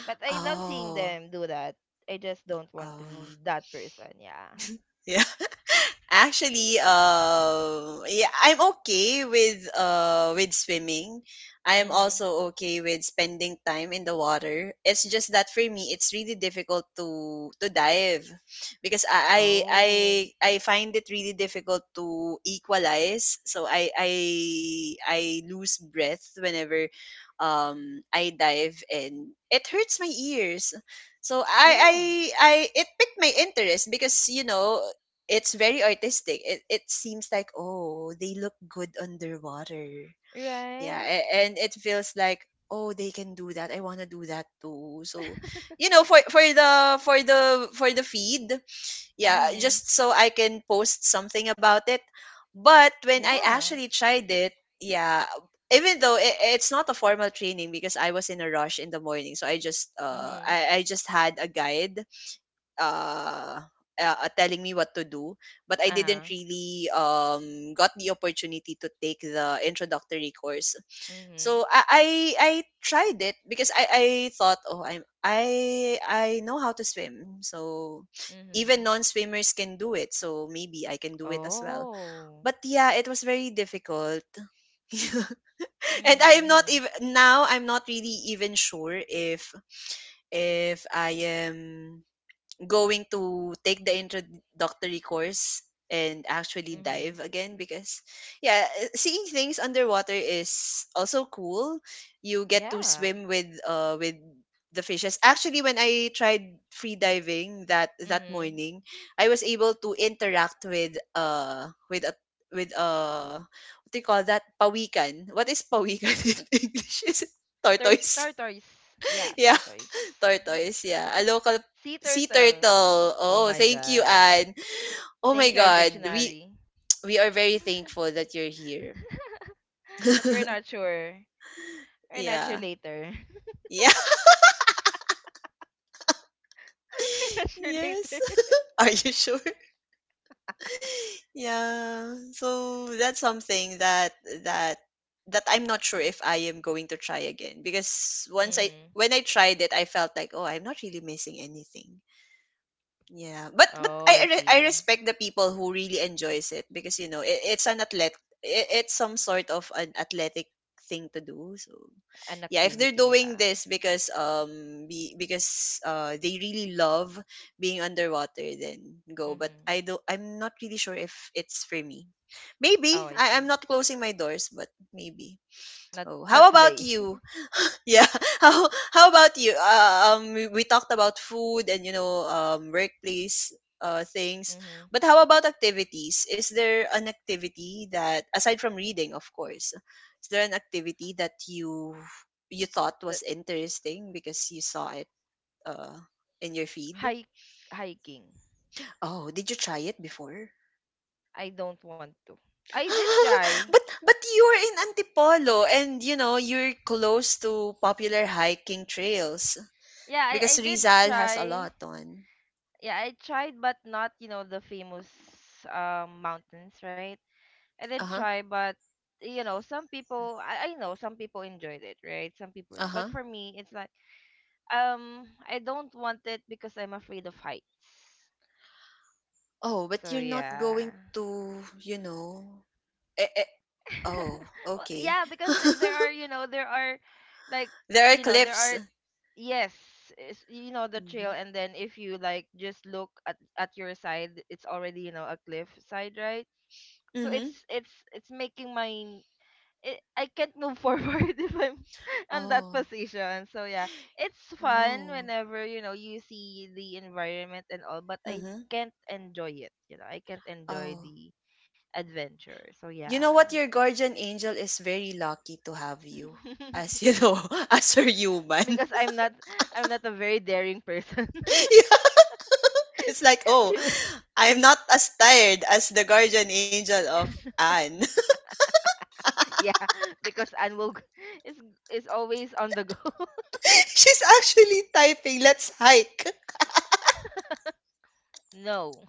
[SPEAKER 2] But I love seeing
[SPEAKER 1] Oh.
[SPEAKER 2] them do that. I just don't want to
[SPEAKER 1] Oh.
[SPEAKER 2] be that person. Yeah.
[SPEAKER 1] Yeah. (laughs) Actually, yeah, I'm okay with swimming. I'm
[SPEAKER 2] Mhm.
[SPEAKER 1] also okay with spending time in the water. It's just that for me, it's really difficult to dive because
[SPEAKER 2] Oh.
[SPEAKER 1] I find it really difficult to equalize. So I lose breath whenever I dive and it hurts my ears. So
[SPEAKER 2] Yeah.
[SPEAKER 1] I it piqued my interest because you know it's very artistic. It seems like, oh, they look good underwater. Yeah,
[SPEAKER 2] Right.
[SPEAKER 1] and it feels like, oh, they can do that. I want to do that too. So, you know, for the feed, yeah,
[SPEAKER 2] Mhm.
[SPEAKER 1] just so I can post something about it. But when I
[SPEAKER 2] Yeah.
[SPEAKER 1] actually tried it, yeah, even though it's not a formal training because I was in a rush in the morning, so I just
[SPEAKER 2] Mhm.
[SPEAKER 1] I just had a guide uh, telling me what to do, but
[SPEAKER 2] Uh
[SPEAKER 1] I
[SPEAKER 2] huh.
[SPEAKER 1] didn't really got the opportunity to take the introductory course.
[SPEAKER 2] Mhm.
[SPEAKER 1] So I tried it because I thought oh I know how to swim so even
[SPEAKER 2] Mhm.
[SPEAKER 1] non swimmers can do it so maybe I can do it as well.
[SPEAKER 2] Oh.
[SPEAKER 1] But yeah, it was very difficult, (laughs)
[SPEAKER 2] Mhm.
[SPEAKER 1] and I'm not
[SPEAKER 2] Mhm.
[SPEAKER 1] even now I'm not really even sure if I am going to take the introductory course and actually
[SPEAKER 2] Mhm.
[SPEAKER 1] dive again because yeah seeing things underwater is also cool you get to
[SPEAKER 2] Yeah.
[SPEAKER 1] swim with the fishes actually when I tried free diving that
[SPEAKER 2] Mhm.
[SPEAKER 1] morning I was able to interact with a with what do you call that pawikan what is pawikan (laughs) in English is it tortoise.
[SPEAKER 2] Tortoise. Yeah.
[SPEAKER 1] (laughs) Yeah.
[SPEAKER 2] Tortoise.
[SPEAKER 1] Tortoise, yeah. A local
[SPEAKER 2] Sea
[SPEAKER 1] sea
[SPEAKER 2] turtle.
[SPEAKER 1] turtle.
[SPEAKER 2] Oh
[SPEAKER 1] Oh,
[SPEAKER 2] my
[SPEAKER 1] thank you,
[SPEAKER 2] god.
[SPEAKER 1] Anne. Oh my
[SPEAKER 2] Thank you, our
[SPEAKER 1] God, we
[SPEAKER 2] dictionary.
[SPEAKER 1] (tsk) we are very thankful that you're here.
[SPEAKER 2] (laughs) But we're not
[SPEAKER 1] (laughs)
[SPEAKER 2] sure. We're not sure
[SPEAKER 1] yeah,
[SPEAKER 2] later.
[SPEAKER 1] yeah,
[SPEAKER 2] (laughs) We're not
[SPEAKER 1] (laughs)
[SPEAKER 2] sure
[SPEAKER 1] yes.
[SPEAKER 2] later.
[SPEAKER 1] (laughs) Are you sure? Yeah. So that's something that that I'm not sure if I am going to try again because once I
[SPEAKER 2] Mhm.
[SPEAKER 1] when I tried it, I felt like oh, I'm not really missing anything. Yeah, but
[SPEAKER 2] Oh, I
[SPEAKER 1] I
[SPEAKER 2] see.
[SPEAKER 1] respect the people who really enjoys it because you know it's an athlete it's some sort of an athletic thing to do. So
[SPEAKER 2] An
[SPEAKER 1] yeah, if they're
[SPEAKER 2] activity,
[SPEAKER 1] doing
[SPEAKER 2] yeah.
[SPEAKER 1] this because because they really love being underwater, then go. But
[SPEAKER 2] Mhm.
[SPEAKER 1] I don't I'm not really sure if it's for me. Maybe
[SPEAKER 2] Oh, I
[SPEAKER 1] I'm
[SPEAKER 2] see.
[SPEAKER 1] not closing my doors, but maybe.
[SPEAKER 2] Not
[SPEAKER 1] Oh, how
[SPEAKER 2] not
[SPEAKER 1] about
[SPEAKER 2] today.
[SPEAKER 1] you?
[SPEAKER 2] (laughs)
[SPEAKER 1] Yeah. (laughs) How about you? We talked about food and you know, workplace things.
[SPEAKER 2] mhm.
[SPEAKER 1] But how about activities? Is there an activity that, aside from reading, of course, is there an activity that you thought
[SPEAKER 2] That
[SPEAKER 1] was interesting because you saw it uh in your feed?
[SPEAKER 2] Hike hiking.
[SPEAKER 1] Oh, did you try it before?
[SPEAKER 2] I don't want to. I did
[SPEAKER 1] (laughs)
[SPEAKER 2] try.
[SPEAKER 1] But you're in Antipolo and you know you're close to popular hiking trails.
[SPEAKER 2] Yeah, I
[SPEAKER 1] Because
[SPEAKER 2] did
[SPEAKER 1] Rizal has a
[SPEAKER 2] try.
[SPEAKER 1] lot on.
[SPEAKER 2] Yeah, I tried but not, you know, the famous mountains, right? I did
[SPEAKER 1] Uh-huh.
[SPEAKER 2] try but you know, some people I know some people enjoyed it, right? Some people but
[SPEAKER 1] Uh-huh.
[SPEAKER 2] for me it's like I don't want it because I'm afraid of heights.
[SPEAKER 1] Oh, but
[SPEAKER 2] So
[SPEAKER 1] you're not
[SPEAKER 2] yeah.
[SPEAKER 1] going to, you know. Eh, eh. Oh,
[SPEAKER 2] (laughs)
[SPEAKER 1] okay.
[SPEAKER 2] Yeah, because there are,
[SPEAKER 1] (laughs)
[SPEAKER 2] you know, there are like,
[SPEAKER 1] there are
[SPEAKER 2] you know, there
[SPEAKER 1] cliffs.
[SPEAKER 2] are yes, it's, you know, the trail
[SPEAKER 1] Mhm.
[SPEAKER 2] and then if you like just look at your side, it's already, you know, a cliff side, right? So
[SPEAKER 1] Mhm.
[SPEAKER 2] it's making I can't move forward (laughs) if I'm (laughs) on that
[SPEAKER 1] Oh.
[SPEAKER 2] position. So yeah, it's fun
[SPEAKER 1] Oh.
[SPEAKER 2] whenever you know you see the environment and all, but I
[SPEAKER 1] Mhm.
[SPEAKER 2] can't enjoy it. You know, I can't enjoy
[SPEAKER 1] Oh.
[SPEAKER 2] the adventure. So
[SPEAKER 1] You know
[SPEAKER 2] yeah.
[SPEAKER 1] what? Your guardian angel is very lucky to have you as,
[SPEAKER 2] (laughs)
[SPEAKER 1] you know, (laughs) as her
[SPEAKER 2] because
[SPEAKER 1] human.
[SPEAKER 2] I'm
[SPEAKER 1] (laughs)
[SPEAKER 2] not I'm not a very daring person.
[SPEAKER 1] yeah, it's like,
[SPEAKER 2] (laughs)
[SPEAKER 1] "Oh,
[SPEAKER 2] she will-
[SPEAKER 1] I'm not as tired as the guardian angel of Anne."
[SPEAKER 2] (laughs) yeah, because Anne will g- is is always on the go. (laughs)
[SPEAKER 1] (laughs) She's actually typing, "Let's hike."
[SPEAKER 2] no.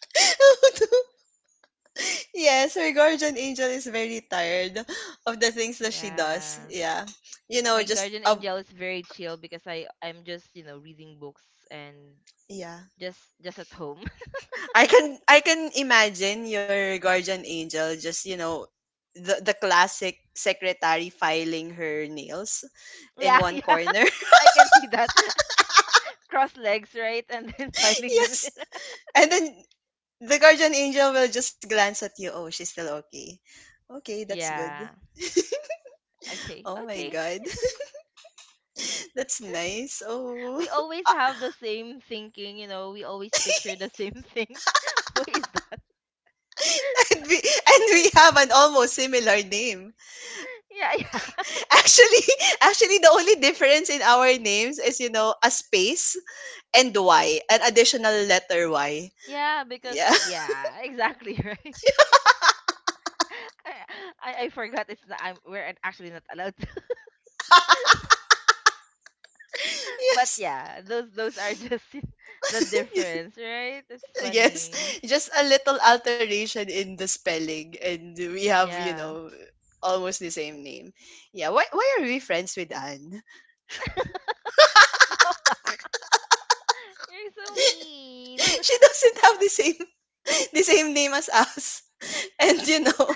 [SPEAKER 1] (laughs) yes, her guardian angel is very tired of the things that she does.
[SPEAKER 2] Yeah.
[SPEAKER 1] Yeah. You know,
[SPEAKER 2] My
[SPEAKER 1] just
[SPEAKER 2] guardian angel is very chill because I'm just, you know, reading books and
[SPEAKER 1] yeah.
[SPEAKER 2] just at home. (laughs)
[SPEAKER 1] I can imagine your guardian angel just, the classic secretary filing her nails in
[SPEAKER 2] Yeah,
[SPEAKER 1] one
[SPEAKER 2] yeah.
[SPEAKER 1] corner.
[SPEAKER 2] (laughs) I can see that. (laughs) Cross legs, right? And then (laughs)
[SPEAKER 1] (laughs)
[SPEAKER 2] filing the
[SPEAKER 1] Yes. And then the guardian angel will just glance at you. Oh, she's still okay. Okay,
[SPEAKER 2] (laughs)
[SPEAKER 1] that's good.
[SPEAKER 2] Yeah.
[SPEAKER 1] (laughs)
[SPEAKER 2] Okay.
[SPEAKER 1] Oh my
[SPEAKER 2] Okay.
[SPEAKER 1] god. (laughs) That's nice. Oh.
[SPEAKER 2] We always
[SPEAKER 1] (laughs)
[SPEAKER 2] have the same thinking, you know, we always picture the same thing. (laughs) What is that?
[SPEAKER 1] (laughs) And we have an almost similar name.
[SPEAKER 2] (laughs) Yeah, yeah.
[SPEAKER 1] Actually, (laughs) actually the only difference in our names is a space and Y, an additional letter Y.
[SPEAKER 2] Yeah, because
[SPEAKER 1] Yeah. (laughs)
[SPEAKER 2] yeah, exactly, (laughs) right? I I forgot it's not, actually not allowed to. (laughs) But
[SPEAKER 1] Yes.
[SPEAKER 2] yeah, those are just (laughs) the
[SPEAKER 1] (laughs)
[SPEAKER 2] difference, right? It's
[SPEAKER 1] Yes.
[SPEAKER 2] funny.
[SPEAKER 1] Just a little alteration in the spelling and we have,
[SPEAKER 2] Yeah.
[SPEAKER 1] almost the same name. Yeah. Why are we friends with Anne?
[SPEAKER 2] (laughs) You're so
[SPEAKER 1] (laughs)
[SPEAKER 2] mean.
[SPEAKER 1] She doesn't have the same (laughs) the same name as us. (laughs) And you know,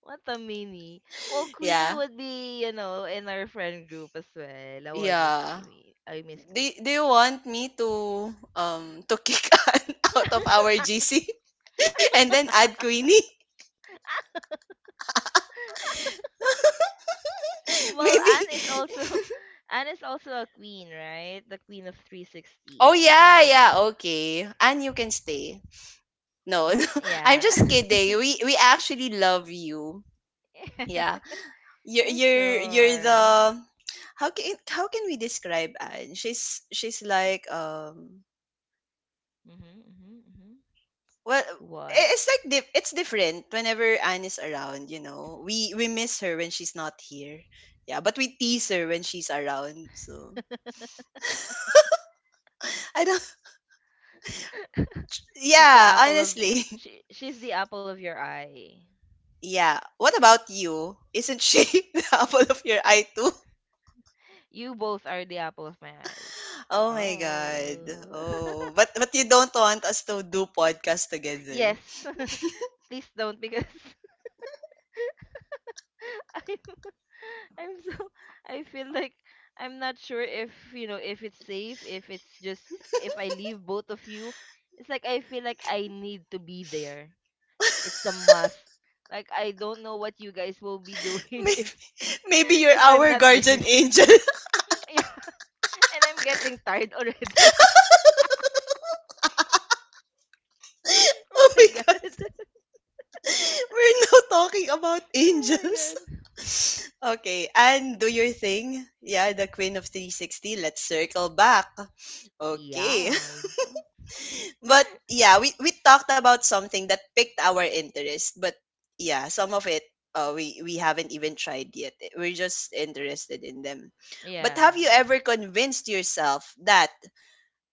[SPEAKER 2] What a mini. Well,
[SPEAKER 1] (laughs)
[SPEAKER 2] Queenie
[SPEAKER 1] yeah.
[SPEAKER 2] would be, you know, in our friend group as well. Oh, I miss
[SPEAKER 1] Yeah.
[SPEAKER 2] Queenie. I miss
[SPEAKER 1] Do
[SPEAKER 2] Queenie.
[SPEAKER 1] you want me to kick (laughs) Ann out of our GC (laughs) and then add Queenie? (laughs)
[SPEAKER 2] Well,
[SPEAKER 1] Maybe.
[SPEAKER 2] Anne is also (laughs) Anne is also a queen, right? The queen of
[SPEAKER 1] Oh
[SPEAKER 2] 360.
[SPEAKER 1] yeah,
[SPEAKER 2] So,
[SPEAKER 1] yeah. Okay, and you can stay. No, (laughs) no, I'm
[SPEAKER 2] yeah.
[SPEAKER 1] just
[SPEAKER 2] (laughs)
[SPEAKER 1] kidding. We actually love you.
[SPEAKER 2] yeah.
[SPEAKER 1] Yeah, you're
[SPEAKER 2] For
[SPEAKER 1] you're you're the
[SPEAKER 2] sure.
[SPEAKER 1] how can we describe Anne? She's like.
[SPEAKER 2] Mhm, mhm, mhm.
[SPEAKER 1] Well, i-
[SPEAKER 2] What?
[SPEAKER 1] it's like dif- it's different whenever Anne is around. We miss her when she's not here. Yeah, but we tease her when she's around. So, I don't. (laughs)
[SPEAKER 2] She's the
[SPEAKER 1] Yeah,
[SPEAKER 2] apple of
[SPEAKER 1] honestly. (laughs)
[SPEAKER 2] she she's the apple of your eye.
[SPEAKER 1] Yeah. What about you? Isn't she (laughs) the apple of your eye too?
[SPEAKER 2] You both are the apple of my eyes.
[SPEAKER 1] Oh my god.
[SPEAKER 2] Oh.
[SPEAKER 1] Oh, but you don't want us to do podcast
[SPEAKER 2] (laughs)
[SPEAKER 1] together.
[SPEAKER 2] yes. (laughs) Please don't because (laughs) I'm I'm so (laughs) I feel like I'm not sure if you know if it's safe, if it's just if I leave both of you. It's like I feel like I need to be there. It's a must. Like I don't know what you guys will be
[SPEAKER 1] (laughs)
[SPEAKER 2] doing (laughs)
[SPEAKER 1] Maybe, maybe you're
[SPEAKER 2] if I'm
[SPEAKER 1] our
[SPEAKER 2] not
[SPEAKER 1] guardian
[SPEAKER 2] there.
[SPEAKER 1] angel.
[SPEAKER 2] (laughs) yeah. And I'm getting tired already. (laughs)
[SPEAKER 1] (laughs) Oh
[SPEAKER 2] oh
[SPEAKER 1] my
[SPEAKER 2] my god.
[SPEAKER 1] god.
[SPEAKER 2] (laughs)
[SPEAKER 1] (laughs) We're now talking about
[SPEAKER 2] Oh my
[SPEAKER 1] angels.
[SPEAKER 2] god.
[SPEAKER 1] (laughs) Okay, and do your thing. Yeah, the queen of 360. Let's circle back. Okay. (laughs)
[SPEAKER 2] Yes.
[SPEAKER 1] But yeah, we talked about something that picked our interest, but yeah, some of it, we haven't even tried yet. We're just interested in them. But have
[SPEAKER 2] Yeah.
[SPEAKER 1] you ever convinced yourself that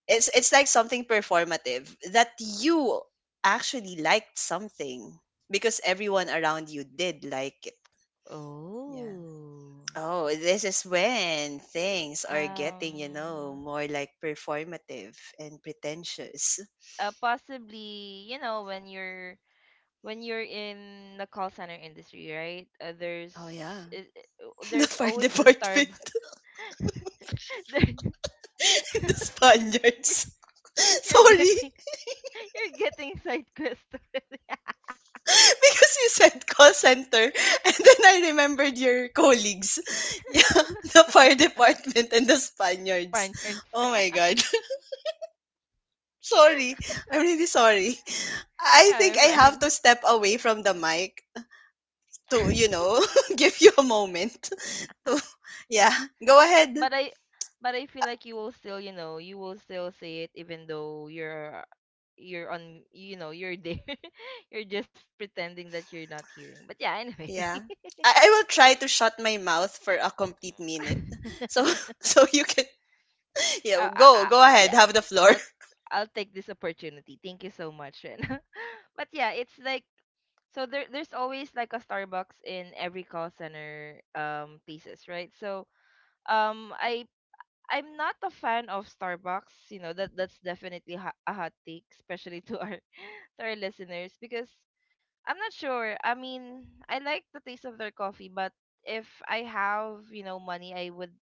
[SPEAKER 1] it's like something performative, that you actually liked something because everyone around you did like it? Yeah.
[SPEAKER 2] Oh.
[SPEAKER 1] Oh, this is when things are getting, you know,
[SPEAKER 2] Um
[SPEAKER 1] more like performative and pretentious.
[SPEAKER 2] possibly, you know, when you're in the call center industry, right?
[SPEAKER 1] Oh yeah.
[SPEAKER 2] It-
[SPEAKER 1] (laughs) The
[SPEAKER 2] there's
[SPEAKER 1] fire
[SPEAKER 2] always a star.
[SPEAKER 1] department,
[SPEAKER 2] (laughs) There-
[SPEAKER 1] (laughs) and the
[SPEAKER 2] (laughs) you're,
[SPEAKER 1] Spaniards. (laughs)
[SPEAKER 2] you're
[SPEAKER 1] Sorry.
[SPEAKER 2] getting (laughs) you're getting side quest already.
[SPEAKER 1] (laughs) Because you said call center and then I remembered your colleagues. (laughs) Yeah, the fire department and the
[SPEAKER 2] (laughs)
[SPEAKER 1] Spaniards.
[SPEAKER 2] Spaniards.
[SPEAKER 1] Oh
[SPEAKER 2] (laughs)
[SPEAKER 1] my god. (laughs) Sorry. I'm really sorry. I
[SPEAKER 2] Yeah,
[SPEAKER 1] think
[SPEAKER 2] you're
[SPEAKER 1] I have to
[SPEAKER 2] fine.
[SPEAKER 1] step away from the mic to,
[SPEAKER 2] (laughs)
[SPEAKER 1] (laughs) give you a moment. (laughs) So, yeah, go ahead.
[SPEAKER 2] but I but I feel like you will still, you know, you will still say it even though you're on you know, you're there. (laughs) You're just pretending that you're not hearing. But yeah, anyway.
[SPEAKER 1] Yeah. I will try to shut my mouth for a complete minute.
[SPEAKER 2] (laughs)
[SPEAKER 1] So (laughs) so you can, yeah, go, go ahead,
[SPEAKER 2] Yeah,
[SPEAKER 1] have the floor.
[SPEAKER 2] I'll
[SPEAKER 1] (laughs)
[SPEAKER 2] I'll take this opportunity. Thank you so much, Ren. (laughs) But yeah, it's like so there's always like a Starbucks in every call center thesis, right? So um I I'm not a fan of Starbucks. You know that that's definitely a hot take, especially to our (laughs) to our listeners because I'm not sure. I mean, I like the taste of their coffee, but if I have you know money, I would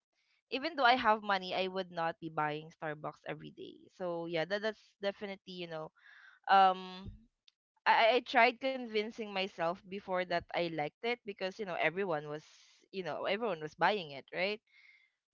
[SPEAKER 2] even though I have money, I would not be buying Starbucks every day. So yeah, that that's definitely you know um I tried convincing myself before that I liked it because you know everyone was buying it, right?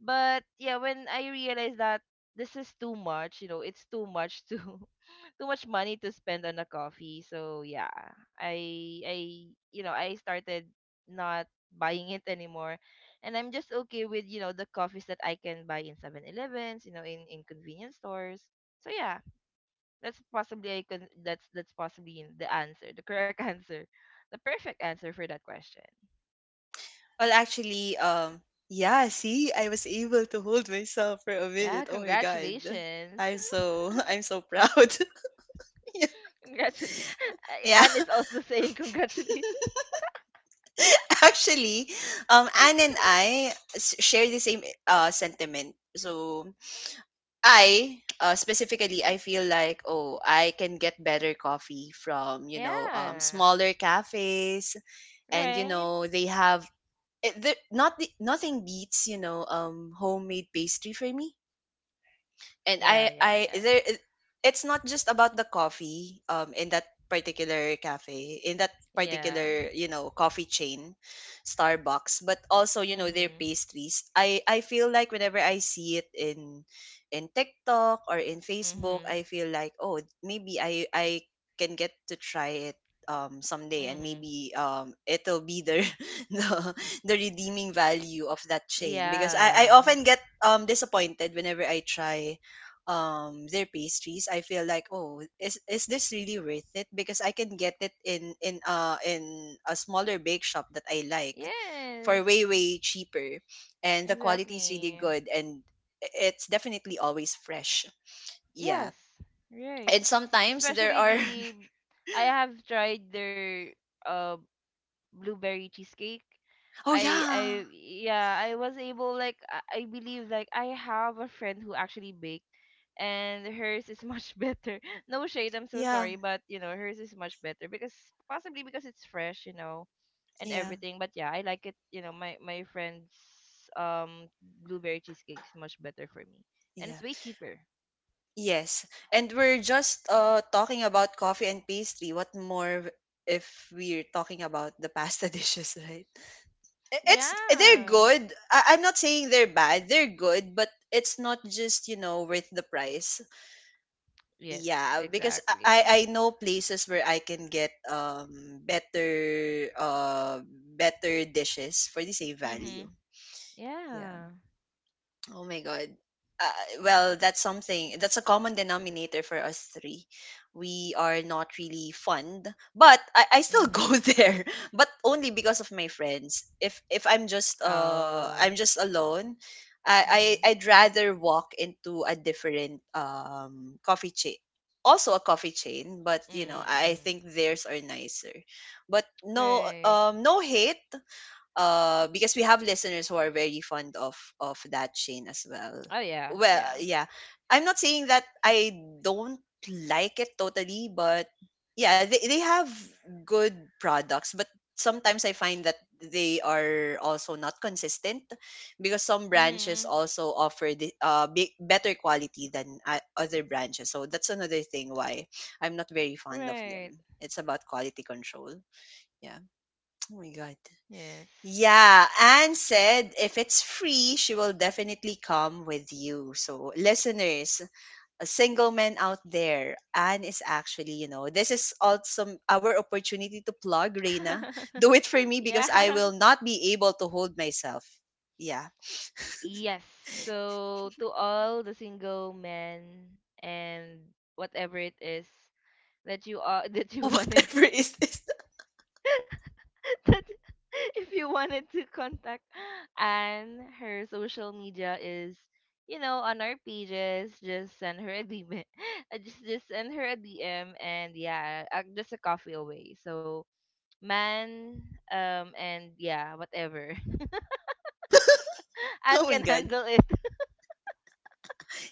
[SPEAKER 2] But yeah, when I realized that this is too much, you know, it's too much to (laughs) too much money to spend on a coffee. So yeah, I you know, I started not buying it anymore, and I'm just okay with you know the coffees that I can buy in Seven Elevens, you know, in convenience stores. So yeah, that's possibly the answer, the correct (laughs) answer, the perfect answer for that question.
[SPEAKER 1] Well, actually, yeah, see, I was able to hold myself for a
[SPEAKER 2] Yeah,
[SPEAKER 1] minute. Oh my God.
[SPEAKER 2] congratulations.
[SPEAKER 1] I'm so (laughs) I'm so proud. (laughs) Yeah.
[SPEAKER 2] Congratulations. (laughs)
[SPEAKER 1] Yeah.
[SPEAKER 2] Anne is
[SPEAKER 1] (laughs)
[SPEAKER 2] also saying congratulations.
[SPEAKER 1] Actually, Anne and I share the same sentiment. So I specifically I feel like, oh, I can get better coffee from
[SPEAKER 2] (laughs) yeah.
[SPEAKER 1] smaller cafes, and
[SPEAKER 2] Right?
[SPEAKER 1] they have it, the, not the, nothing beats homemade pastry for me. and
[SPEAKER 2] Yeah,
[SPEAKER 1] I
[SPEAKER 2] yeah,
[SPEAKER 1] I
[SPEAKER 2] yeah.
[SPEAKER 1] there is- it's not just about the coffee in that particular cafe, in that
[SPEAKER 2] Yeah.
[SPEAKER 1] particular, coffee chain, Starbucks, but also, their
[SPEAKER 2] Mhm.
[SPEAKER 1] pastries. I feel like whenever I see it in, TikTok or in Facebook,
[SPEAKER 2] Mhm.
[SPEAKER 1] I feel like, oh, maybe I can get to try it someday, and
[SPEAKER 2] Mhm.
[SPEAKER 1] maybe it'll be the (laughs) the, the redeeming value of that chain, because I
[SPEAKER 2] Yeah.
[SPEAKER 1] often get disappointed whenever I try their pastries. I feel like, oh, is this really worth it? Because I can get it in in a smaller bake shop that I like for way
[SPEAKER 2] Yes.
[SPEAKER 1] way cheaper, and the quality is really
[SPEAKER 2] Exactly.
[SPEAKER 1] good, and it's definitely always fresh. Yeah.
[SPEAKER 2] Yes. Right.
[SPEAKER 1] And sometimes there
[SPEAKER 2] Especially
[SPEAKER 1] are.
[SPEAKER 2] the
[SPEAKER 1] (laughs)
[SPEAKER 2] I have tried their uh blueberry cheesecake.
[SPEAKER 1] Oh yeah,
[SPEAKER 2] I yeah, I was able like I believe like I have a friend who actually baked and hers is much (laughs) better. No shade, I'm so
[SPEAKER 1] yeah,
[SPEAKER 2] sorry, but you know, hers is much better because possibly because it's fresh, you know, and
[SPEAKER 1] yeah,
[SPEAKER 2] everything. But yeah, I like it, you know, my friend's um blueberry cheesecake is much better for me. And
[SPEAKER 1] yeah.
[SPEAKER 2] it's way cheaper.
[SPEAKER 1] Yes. And we're just, talking about coffee and pastry. What more if we're talking about the pasta (laughs) dishes, right? I- it's They're
[SPEAKER 2] Yeah.
[SPEAKER 1] good. I'm not saying they're bad. They're good, but it's not just, worth the price.
[SPEAKER 2] Yes,
[SPEAKER 1] Yeah, because I I
[SPEAKER 2] exactly.
[SPEAKER 1] I know places where I can get better, better dishes for the same value.
[SPEAKER 2] Mhm.
[SPEAKER 1] Yeah.
[SPEAKER 2] Yeah.
[SPEAKER 1] Oh my God. Well, that's something. That's a common denominator for us three. We are not really fond, but I still (laughs) go
[SPEAKER 2] Mhm.
[SPEAKER 1] there, but only because of my friends. If I'm just,
[SPEAKER 2] Oh.
[SPEAKER 1] I'm just alone, I,
[SPEAKER 2] Mhm.
[SPEAKER 1] I I'd rather walk into a different coffee chain. Also a coffee chain, but,
[SPEAKER 2] Mhm.
[SPEAKER 1] I
[SPEAKER 2] Mhm.
[SPEAKER 1] think theirs are nicer. But no,
[SPEAKER 2] Right.
[SPEAKER 1] no hate, because we have listeners who are very fond of that chain as well.
[SPEAKER 2] Oh yeah.
[SPEAKER 1] Well,
[SPEAKER 2] Yeah.
[SPEAKER 1] yeah. I'm not saying that I don't like it totally, but yeah, they have good products, but sometimes I find that they are also not consistent, because some branches
[SPEAKER 2] Mhm.
[SPEAKER 1] also offer better quality than, other branches. So that's another thing why I'm not very fond of them.
[SPEAKER 2] Right.
[SPEAKER 1] It's about quality control. Yeah. (tsk) Oh my god.
[SPEAKER 2] Yes.
[SPEAKER 1] Yeah, Anne said if it's free, she will definitely come with you. So, listeners, a single man out there, Anne is actually, this is also our opportunity to plug Reina.
[SPEAKER 2] (laughs)
[SPEAKER 1] Do it for me because I
[SPEAKER 2] yeah.
[SPEAKER 1] will not be able to hold myself. Yeah.
[SPEAKER 2] Yes. So to all the single men and whatever it is that you are (laughs) that you
[SPEAKER 1] Oh, (laughs)
[SPEAKER 2] wanted
[SPEAKER 1] whatever is this? (laughs)
[SPEAKER 2] (laughs) that if you wanted to contact Anne, her social media is, you know, on our pages. Just send her a DM. (laughs) Just send her a DM, and yeah, just a coffee away. So man, and yeah, whatever. (laughs) Anne
[SPEAKER 1] Oh my
[SPEAKER 2] can
[SPEAKER 1] God.
[SPEAKER 2] handle it.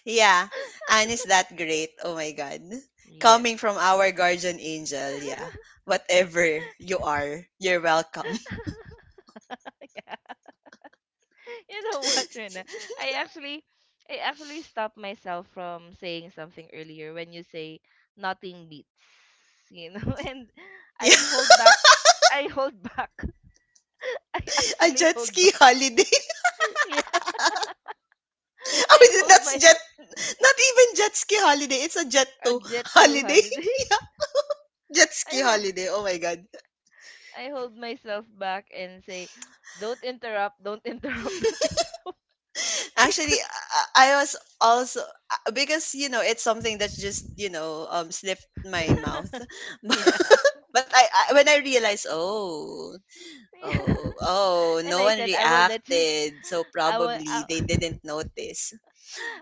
[SPEAKER 1] Yeah, Anne is that great. Oh my God.
[SPEAKER 2] Yes.
[SPEAKER 1] Coming from our guardian angel, yeah. Whatever you are, you're welcome. (laughs)
[SPEAKER 2] (laughs) (laughs) You know what, Rena? I actually I actually stopped myself from saying something earlier when you say nothing beats, you know, (laughs) and I
[SPEAKER 1] Yeah.
[SPEAKER 2] hold back I hold back. (laughs) I
[SPEAKER 1] A
[SPEAKER 2] actually
[SPEAKER 1] jet
[SPEAKER 2] hold
[SPEAKER 1] ski
[SPEAKER 2] back.
[SPEAKER 1] holiday.
[SPEAKER 2] (laughs) Yeah.
[SPEAKER 1] (laughs) I
[SPEAKER 2] I
[SPEAKER 1] mean,
[SPEAKER 2] hold
[SPEAKER 1] that's
[SPEAKER 2] my
[SPEAKER 1] jet, not even jet ski holiday. It's a jet
[SPEAKER 2] (laughs) a
[SPEAKER 1] to
[SPEAKER 2] jet to
[SPEAKER 1] holiday.
[SPEAKER 2] holiday.
[SPEAKER 1] (laughs) Yeah, jet
[SPEAKER 2] (laughs)
[SPEAKER 1] ski
[SPEAKER 2] I hold
[SPEAKER 1] holiday. Oh my God.
[SPEAKER 2] I hold myself back and say don't interrupt, (laughs) don't interrupt
[SPEAKER 1] Actually,
[SPEAKER 2] because
[SPEAKER 1] I was also, because, you know, it's something that's just, slipped my mouth.
[SPEAKER 2] (laughs)
[SPEAKER 1] (laughs)
[SPEAKER 2] yeah. (laughs)
[SPEAKER 1] But when I realized, oh,
[SPEAKER 2] Yeah.
[SPEAKER 1] oh,
[SPEAKER 2] (laughs)
[SPEAKER 1] oh,
[SPEAKER 2] And
[SPEAKER 1] no
[SPEAKER 2] I
[SPEAKER 1] one
[SPEAKER 2] said I will let you
[SPEAKER 1] reacted. So probably
[SPEAKER 2] I'll
[SPEAKER 1] they didn't
[SPEAKER 2] (laughs)
[SPEAKER 1] notice.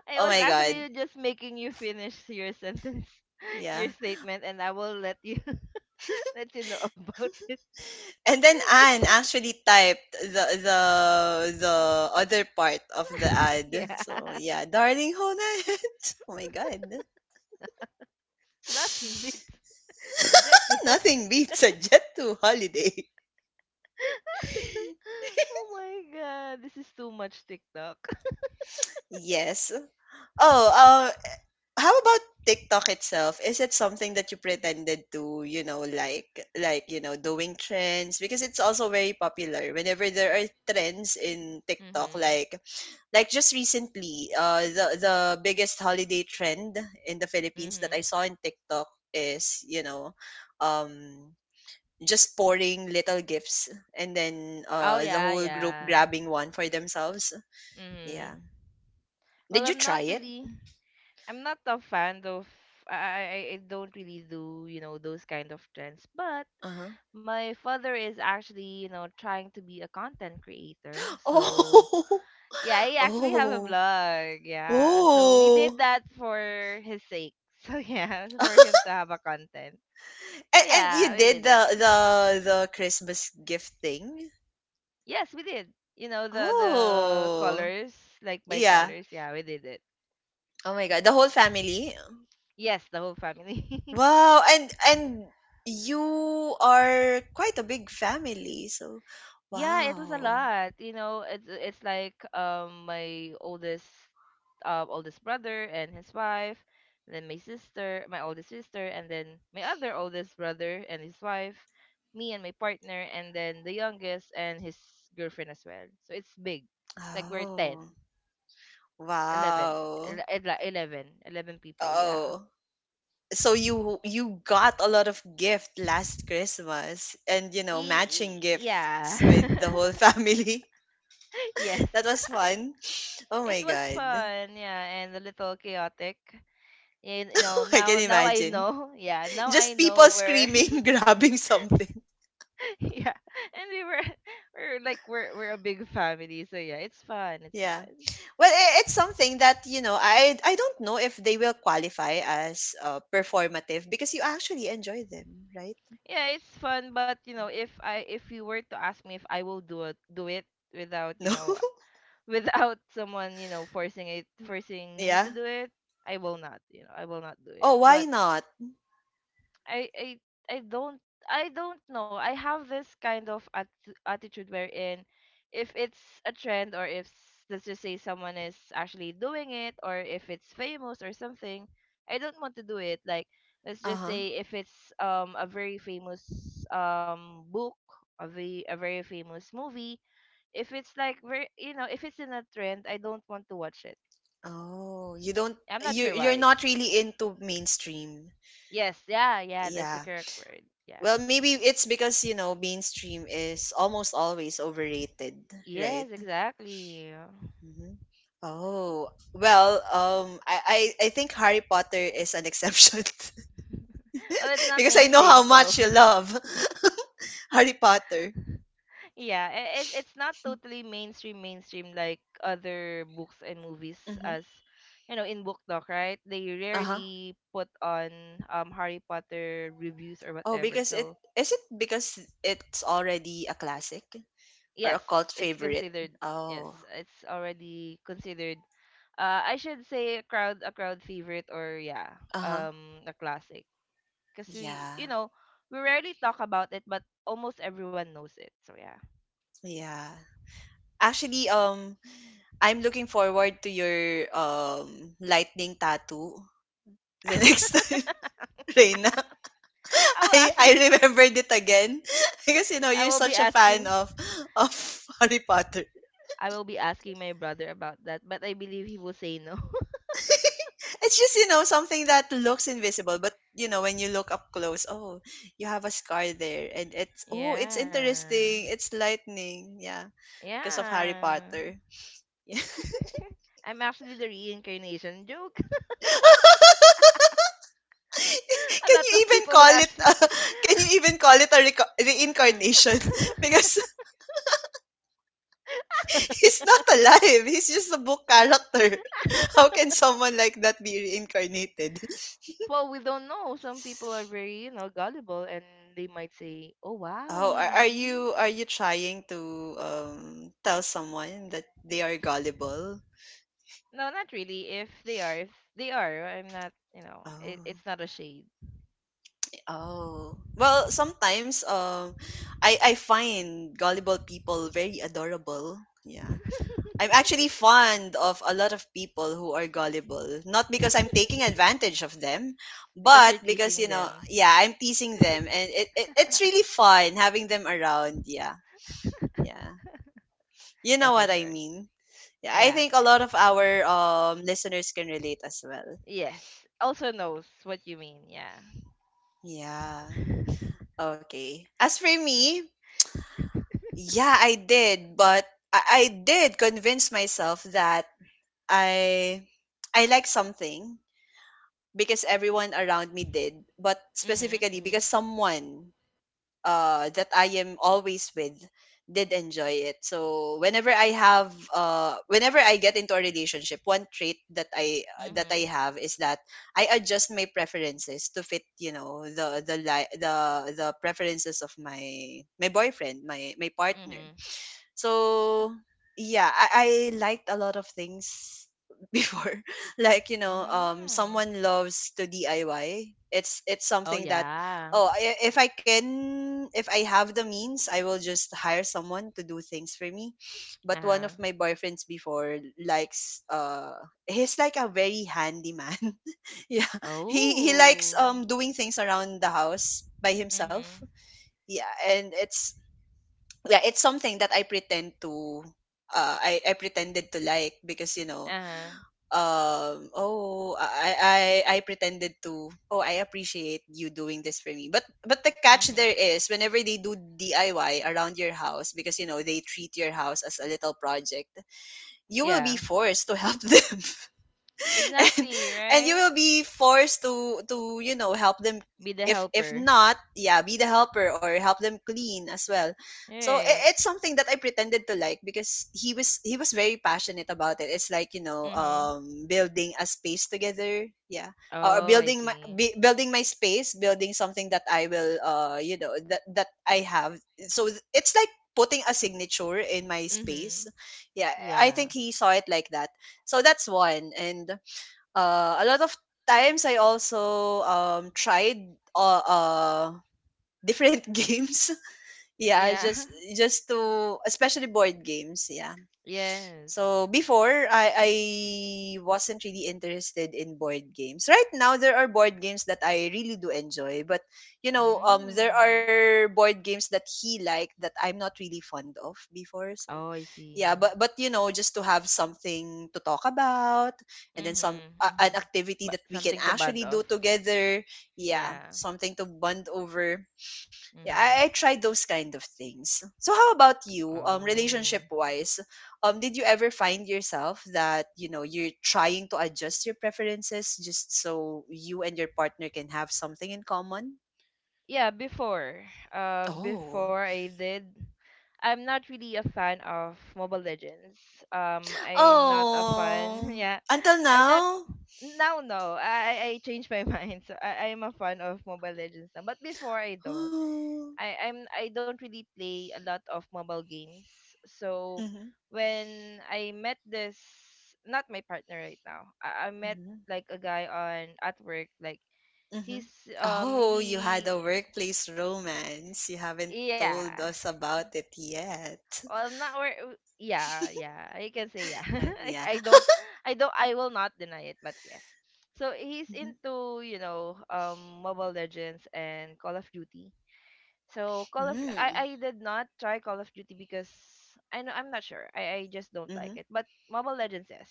[SPEAKER 2] I
[SPEAKER 1] Oh
[SPEAKER 2] was
[SPEAKER 1] my God.
[SPEAKER 2] actually just making you finish your sentence, (laughs) your
[SPEAKER 1] Yeah.
[SPEAKER 2] statement, and I will let you (laughs) let you know about it. (laughs)
[SPEAKER 1] And then
[SPEAKER 2] It's
[SPEAKER 1] Anne
[SPEAKER 2] like,
[SPEAKER 1] actually typed the the other part of the
[SPEAKER 2] (laughs)
[SPEAKER 1] ad. So
[SPEAKER 2] yeah,
[SPEAKER 1] yeah, darling Honan. (laughs) Oh my god.
[SPEAKER 2] (laughs) nothing beats a jet to
[SPEAKER 1] (laughs)
[SPEAKER 2] holiday.
[SPEAKER 1] Nothing beats a jet to holiday.
[SPEAKER 2] (laughs)
[SPEAKER 1] (laughs)
[SPEAKER 2] Oh my god, this is too much TikTok.
[SPEAKER 1] Yes. Oh, how about TikTok itself? Is it something that you pretended to, you know, like, doing trends? Because it's also very popular. Whenever there are trends in
[SPEAKER 2] (laughs)
[SPEAKER 1] TikTok,
[SPEAKER 2] mhm.
[SPEAKER 1] like, just recently, the biggest holiday trend in the Philippines that I
[SPEAKER 2] Mhm.
[SPEAKER 1] saw in TikTok is, um, just pouring little gifts, and then,
[SPEAKER 2] Oh
[SPEAKER 1] the
[SPEAKER 2] yeah,
[SPEAKER 1] whole group
[SPEAKER 2] yeah.
[SPEAKER 1] grabbing one for themselves. Yeah.
[SPEAKER 2] Mhm. Well,
[SPEAKER 1] Did you
[SPEAKER 2] I'm not
[SPEAKER 1] try it?
[SPEAKER 2] really. I'm not a fan of. I don't really do you know those kind of trends, but
[SPEAKER 1] Uh-huh. (laughs)
[SPEAKER 2] my father is actually you know trying to be a content creator. So
[SPEAKER 1] Oh,
[SPEAKER 2] yeah, I
[SPEAKER 1] (laughs)
[SPEAKER 2] actually have a
[SPEAKER 1] oh,
[SPEAKER 2] blog. Yeah, so we did
[SPEAKER 1] oh.
[SPEAKER 2] that for his sake (laughs) so yeah, for
[SPEAKER 1] (laughs)
[SPEAKER 2] him to have a content.
[SPEAKER 1] And,
[SPEAKER 2] So
[SPEAKER 1] and you
[SPEAKER 2] yeah, we
[SPEAKER 1] did
[SPEAKER 2] did it.
[SPEAKER 1] the the Christmas gift thing?
[SPEAKER 2] Yes, we did, you know, the
[SPEAKER 1] Oh,
[SPEAKER 2] colors, like by
[SPEAKER 1] yeah.
[SPEAKER 2] colors. Yeah, we did it.
[SPEAKER 1] Oh my God, the whole family.
[SPEAKER 2] Yes, the whole family. (laughs)
[SPEAKER 1] Wow, and you are quite a big family, so
[SPEAKER 2] Yeah, it was a
[SPEAKER 1] wow.
[SPEAKER 2] lot. You know, it's like my oldest oldest brother and his wife, and then my sister, my oldest sister, and then my other oldest brother and his wife, me and my partner, and then the youngest and his girlfriend as well. So it's big. It's like we're eleven,
[SPEAKER 1] Oh,
[SPEAKER 2] 11,
[SPEAKER 1] wow.
[SPEAKER 2] ele- ele- 11, eleven people. Yeah.
[SPEAKER 1] Oh. So you got a lot of gift last Christmas, and, matching
[SPEAKER 2] Yeah.
[SPEAKER 1] gifts with the whole
[SPEAKER 2] (laughs)
[SPEAKER 1] family. (laughs)
[SPEAKER 2] Yes.
[SPEAKER 1] That was
[SPEAKER 2] (laughs)
[SPEAKER 1] fun. Oh
[SPEAKER 2] It
[SPEAKER 1] my
[SPEAKER 2] was
[SPEAKER 1] God.
[SPEAKER 2] fun, yeah, and a little chaotic. You know,
[SPEAKER 1] (laughs) I can
[SPEAKER 2] now I
[SPEAKER 1] imagine.
[SPEAKER 2] know (laughs) yeah, now I
[SPEAKER 1] Just people
[SPEAKER 2] know where
[SPEAKER 1] screaming, (laughs) grabbing something.
[SPEAKER 2] (laughs) yeah. And we were (laughs) we're like we're a big family, so yeah, it's fun, it's
[SPEAKER 1] Yeah.
[SPEAKER 2] fun.
[SPEAKER 1] Well, I- it's something that you know. I don't know if they will qualify as, performative, because you actually enjoy them, right? (laughs)
[SPEAKER 2] Yeah, it's fun, but you know, if I if you were to ask me if I will do it without you
[SPEAKER 1] No.
[SPEAKER 2] know (laughs) without someone, you know, forcing me to
[SPEAKER 1] Yeah.
[SPEAKER 2] do it, I will not, you know, I will not do it.
[SPEAKER 1] Oh, why
[SPEAKER 2] But
[SPEAKER 1] not?
[SPEAKER 2] I I I don't I don't know. I have this kind of attitude wherein if it's a trend or if let's just say someone is actually doing it, or if it's famous or something, I don't want to do it. Like let's
[SPEAKER 1] Uh
[SPEAKER 2] just
[SPEAKER 1] huh.
[SPEAKER 2] say if it's a very famous book, a very famous movie, if it's like very you know, if it's in a trend, I don't want to watch it.
[SPEAKER 1] Oh, you don't.
[SPEAKER 2] I'm not
[SPEAKER 1] You
[SPEAKER 2] sure
[SPEAKER 1] you're
[SPEAKER 2] why.
[SPEAKER 1] not really into mainstream.
[SPEAKER 2] Yes, yeah, yeah, that's the
[SPEAKER 1] Yeah.
[SPEAKER 2] correct word. Yeah.
[SPEAKER 1] Well, maybe it's because, mainstream is almost always overrated, right?
[SPEAKER 2] Yes, exactly. (laughs)
[SPEAKER 1] Hmm. Oh well, I think Harry Potter is an exception,
[SPEAKER 2] Well, it's
[SPEAKER 1] (laughs)
[SPEAKER 2] not
[SPEAKER 1] because I know
[SPEAKER 2] mainstream,
[SPEAKER 1] how
[SPEAKER 2] so
[SPEAKER 1] much you
[SPEAKER 2] (laughs)
[SPEAKER 1] love. (laughs) Harry Potter.
[SPEAKER 2] yeah, it, it's not totally mainstream like other books and movies
[SPEAKER 1] Mm-hmm.
[SPEAKER 2] as you know in book talk, right? They
[SPEAKER 1] Uh-huh.
[SPEAKER 2] rarely put on Harry Potter reviews or
[SPEAKER 1] Oh,
[SPEAKER 2] whatever.
[SPEAKER 1] because it
[SPEAKER 2] So
[SPEAKER 1] Is it because it's already a classic or
[SPEAKER 2] yes,
[SPEAKER 1] a cult
[SPEAKER 2] it's
[SPEAKER 1] favorite?
[SPEAKER 2] considered. Yes,
[SPEAKER 1] Oh.
[SPEAKER 2] it's already considered. I should say a crowd favorite, or yeah,
[SPEAKER 1] Uh-huh.
[SPEAKER 2] a classic. Because we
[SPEAKER 1] Yeah.
[SPEAKER 2] you know we rarely talk about it but almost everyone knows it, so yeah.
[SPEAKER 1] Yeah. Actually, I'm looking forward to your lightning tattoo the (laughs) next
[SPEAKER 2] (laughs)
[SPEAKER 1] time, Reina.
[SPEAKER 2] i will
[SPEAKER 1] I
[SPEAKER 2] actually
[SPEAKER 1] remembered it again (laughs) because,
[SPEAKER 2] I
[SPEAKER 1] you're
[SPEAKER 2] will be
[SPEAKER 1] such a fan
[SPEAKER 2] asking
[SPEAKER 1] of (laughs) Harry Potter.
[SPEAKER 2] my brother about that, but I believe he will say no.
[SPEAKER 1] (laughs) It's just, something that looks invisible, but, when you look up close, oh, you have a scar there, and it's,
[SPEAKER 2] (laughs)
[SPEAKER 1] oh, it's
[SPEAKER 2] Yeah,
[SPEAKER 1] interesting. It's lightning. Yeah. Because of Harry
[SPEAKER 2] yeah.
[SPEAKER 1] Potter.
[SPEAKER 2] I'm actually the reincarnation joke.
[SPEAKER 1] (laughs)
[SPEAKER 2] (laughs) A
[SPEAKER 1] can
[SPEAKER 2] lot
[SPEAKER 1] you
[SPEAKER 2] of
[SPEAKER 1] even
[SPEAKER 2] people will
[SPEAKER 1] call it
[SPEAKER 2] actually
[SPEAKER 1] uh, can you even call it a reincarnation, (laughs) because
[SPEAKER 2] (laughs)
[SPEAKER 1] he's not alive, he's just a book character. How can someone like that be reincarnated?
[SPEAKER 2] well, we don't know, some people are very you know gullible, and they might say, "Oh wow,
[SPEAKER 1] Oh, are are
[SPEAKER 2] really?"
[SPEAKER 1] you are you trying to tell someone that they are gullible?
[SPEAKER 2] No, not really. If they are, I'm not. You know, it,
[SPEAKER 1] Oh.
[SPEAKER 2] it's not a shade
[SPEAKER 1] Oh. Well, sometimes, I find gullible people very adorable. Yeah. I'm actually fond of a lot of people who are gullible, not because I'm taking
[SPEAKER 2] (laughs)
[SPEAKER 1] advantage of them,
[SPEAKER 2] because
[SPEAKER 1] but
[SPEAKER 2] you're
[SPEAKER 1] because,
[SPEAKER 2] teasing them.
[SPEAKER 1] yeah, I'm teasing them and it's
[SPEAKER 2] (laughs)
[SPEAKER 1] really fun having them around, yeah. Yeah. You
[SPEAKER 2] Yeah,
[SPEAKER 1] know
[SPEAKER 2] for
[SPEAKER 1] what I
[SPEAKER 2] sure.
[SPEAKER 1] mean? Yeah, I
[SPEAKER 2] Yeah,
[SPEAKER 1] think a
[SPEAKER 2] yeah.
[SPEAKER 1] lot of our listeners can relate as well.
[SPEAKER 2] Yes. Also knows what you mean. Yeah.
[SPEAKER 1] Yeah. Okay. As for me, yeah, I did, but I did convince myself that I I like something because everyone around me did, but
[SPEAKER 2] Mhm.
[SPEAKER 1] specifically because
[SPEAKER 2] Mhm.
[SPEAKER 1] someone, that I am always with did enjoy it. So whenever I have whenever I get into a relationship, one trait that I
[SPEAKER 2] Mhm.
[SPEAKER 1] have is that I adjust my preferences to fit, the the preferences of my boyfriend, my partner.
[SPEAKER 2] Mhm.
[SPEAKER 1] So yeah, I liked a lot of things (laughs) before. Like,
[SPEAKER 2] Mm.
[SPEAKER 1] someone loves to DIY. It's
[SPEAKER 2] Oh
[SPEAKER 1] something that
[SPEAKER 2] yeah.
[SPEAKER 1] if I can if I have the means, I will just hire someone to do things for me.
[SPEAKER 2] Uh
[SPEAKER 1] But one
[SPEAKER 2] huh.
[SPEAKER 1] of my boyfriends before likes he's like a very handy man. (laughs) Yeah. He likes
[SPEAKER 2] Oh.
[SPEAKER 1] doing things around the house by himself,
[SPEAKER 2] Mhm.
[SPEAKER 1] yeah, and it's, yeah, it's something that I pretended to like because
[SPEAKER 2] Uh huh.
[SPEAKER 1] oh I pretended to, oh, I appreciate you doing this for me, but the catch
[SPEAKER 2] Mhm.
[SPEAKER 1] there is whenever they do DIY around your house, because you know they treat your house as a little project, you will be
[SPEAKER 2] Yeah.
[SPEAKER 1] forced to help (laughs) them. (laughs) And
[SPEAKER 2] Exactly.
[SPEAKER 1] you
[SPEAKER 2] Right.
[SPEAKER 1] will be forced to you know help them,
[SPEAKER 2] Be the
[SPEAKER 1] if
[SPEAKER 2] helper.
[SPEAKER 1] not, yeah, be the helper or help them clean as well. So
[SPEAKER 2] Right.
[SPEAKER 1] it's something that I pretended to like because he was very passionate about it. It's like, you know,
[SPEAKER 2] Mhm.
[SPEAKER 1] um, building a space together, yeah, or
[SPEAKER 2] Oh, I see.
[SPEAKER 1] building my space, building something that I will, uh, you know, that I have. So it's like putting a signature in my space,
[SPEAKER 2] Mhm.
[SPEAKER 1] yeah. I
[SPEAKER 2] Yeah.
[SPEAKER 1] think he saw it like that. So that's one, and a lot of times I also, tried different (laughs) games. Yeah,
[SPEAKER 2] Yeah. (laughs)
[SPEAKER 1] just to, especially board games. Yeah.
[SPEAKER 2] Yes.
[SPEAKER 1] So before, I wasn't really interested in board games. Right now there are board games that I really do enjoy, but, there
[SPEAKER 2] Mm.
[SPEAKER 1] are board games that he liked that I'm not really fond of before. So
[SPEAKER 2] Oh, I
[SPEAKER 1] yeah,
[SPEAKER 2] see.
[SPEAKER 1] but you know, just to have something to talk about, and then
[SPEAKER 2] Mm-hmm.
[SPEAKER 1] some
[SPEAKER 2] Mm-hmm.
[SPEAKER 1] an activity
[SPEAKER 2] But
[SPEAKER 1] that we can
[SPEAKER 2] something to bond
[SPEAKER 1] actually
[SPEAKER 2] off.
[SPEAKER 1] do together. Yeah,
[SPEAKER 2] Yeah.
[SPEAKER 1] something to bond over. Yeah, I
[SPEAKER 2] Mm-hmm.
[SPEAKER 1] tried those kind of things. So how about you?
[SPEAKER 2] Oh.
[SPEAKER 1] Relationship wise, did you ever find yourself that you know you're trying to adjust your preferences just so you and your partner can have something in common?
[SPEAKER 2] Yeah, before.
[SPEAKER 1] Oh,
[SPEAKER 2] Before I did, I'm not really a fan of Mobile Legends. I'm not a fan. (laughs)
[SPEAKER 1] oh,
[SPEAKER 2] Yeah.
[SPEAKER 1] until
[SPEAKER 2] I'm not
[SPEAKER 1] now.
[SPEAKER 2] now, no. I changed my (laughs) mind. So I'm a fan of Mobile Legends now. But before I
[SPEAKER 1] (gasps)
[SPEAKER 2] don't.
[SPEAKER 1] Hmm.
[SPEAKER 2] I don't really play a lot of mobile games. So when I met this, not my partner right now. I met like a guy on at work like
[SPEAKER 1] Mhm.
[SPEAKER 2] he's,
[SPEAKER 1] Oh, you had
[SPEAKER 2] he.
[SPEAKER 1] a workplace romance. You haven't
[SPEAKER 2] Yeah.
[SPEAKER 1] told us about it yet. (laughs)
[SPEAKER 2] Well, not where. Yeah, yeah. I can say yeah. (laughs) I,
[SPEAKER 1] Yeah.
[SPEAKER 2] I don't, I don't, I will not deny it, but yes. So he's
[SPEAKER 1] Mhm.
[SPEAKER 2] into, you know, Mobile Legends and Call of Duty. So Call of, I
[SPEAKER 1] Mm.
[SPEAKER 2] I did not try Call of Duty because I know, I'm not sure. I just don't like
[SPEAKER 1] Mhm.
[SPEAKER 2] it. But Mobile Legends is.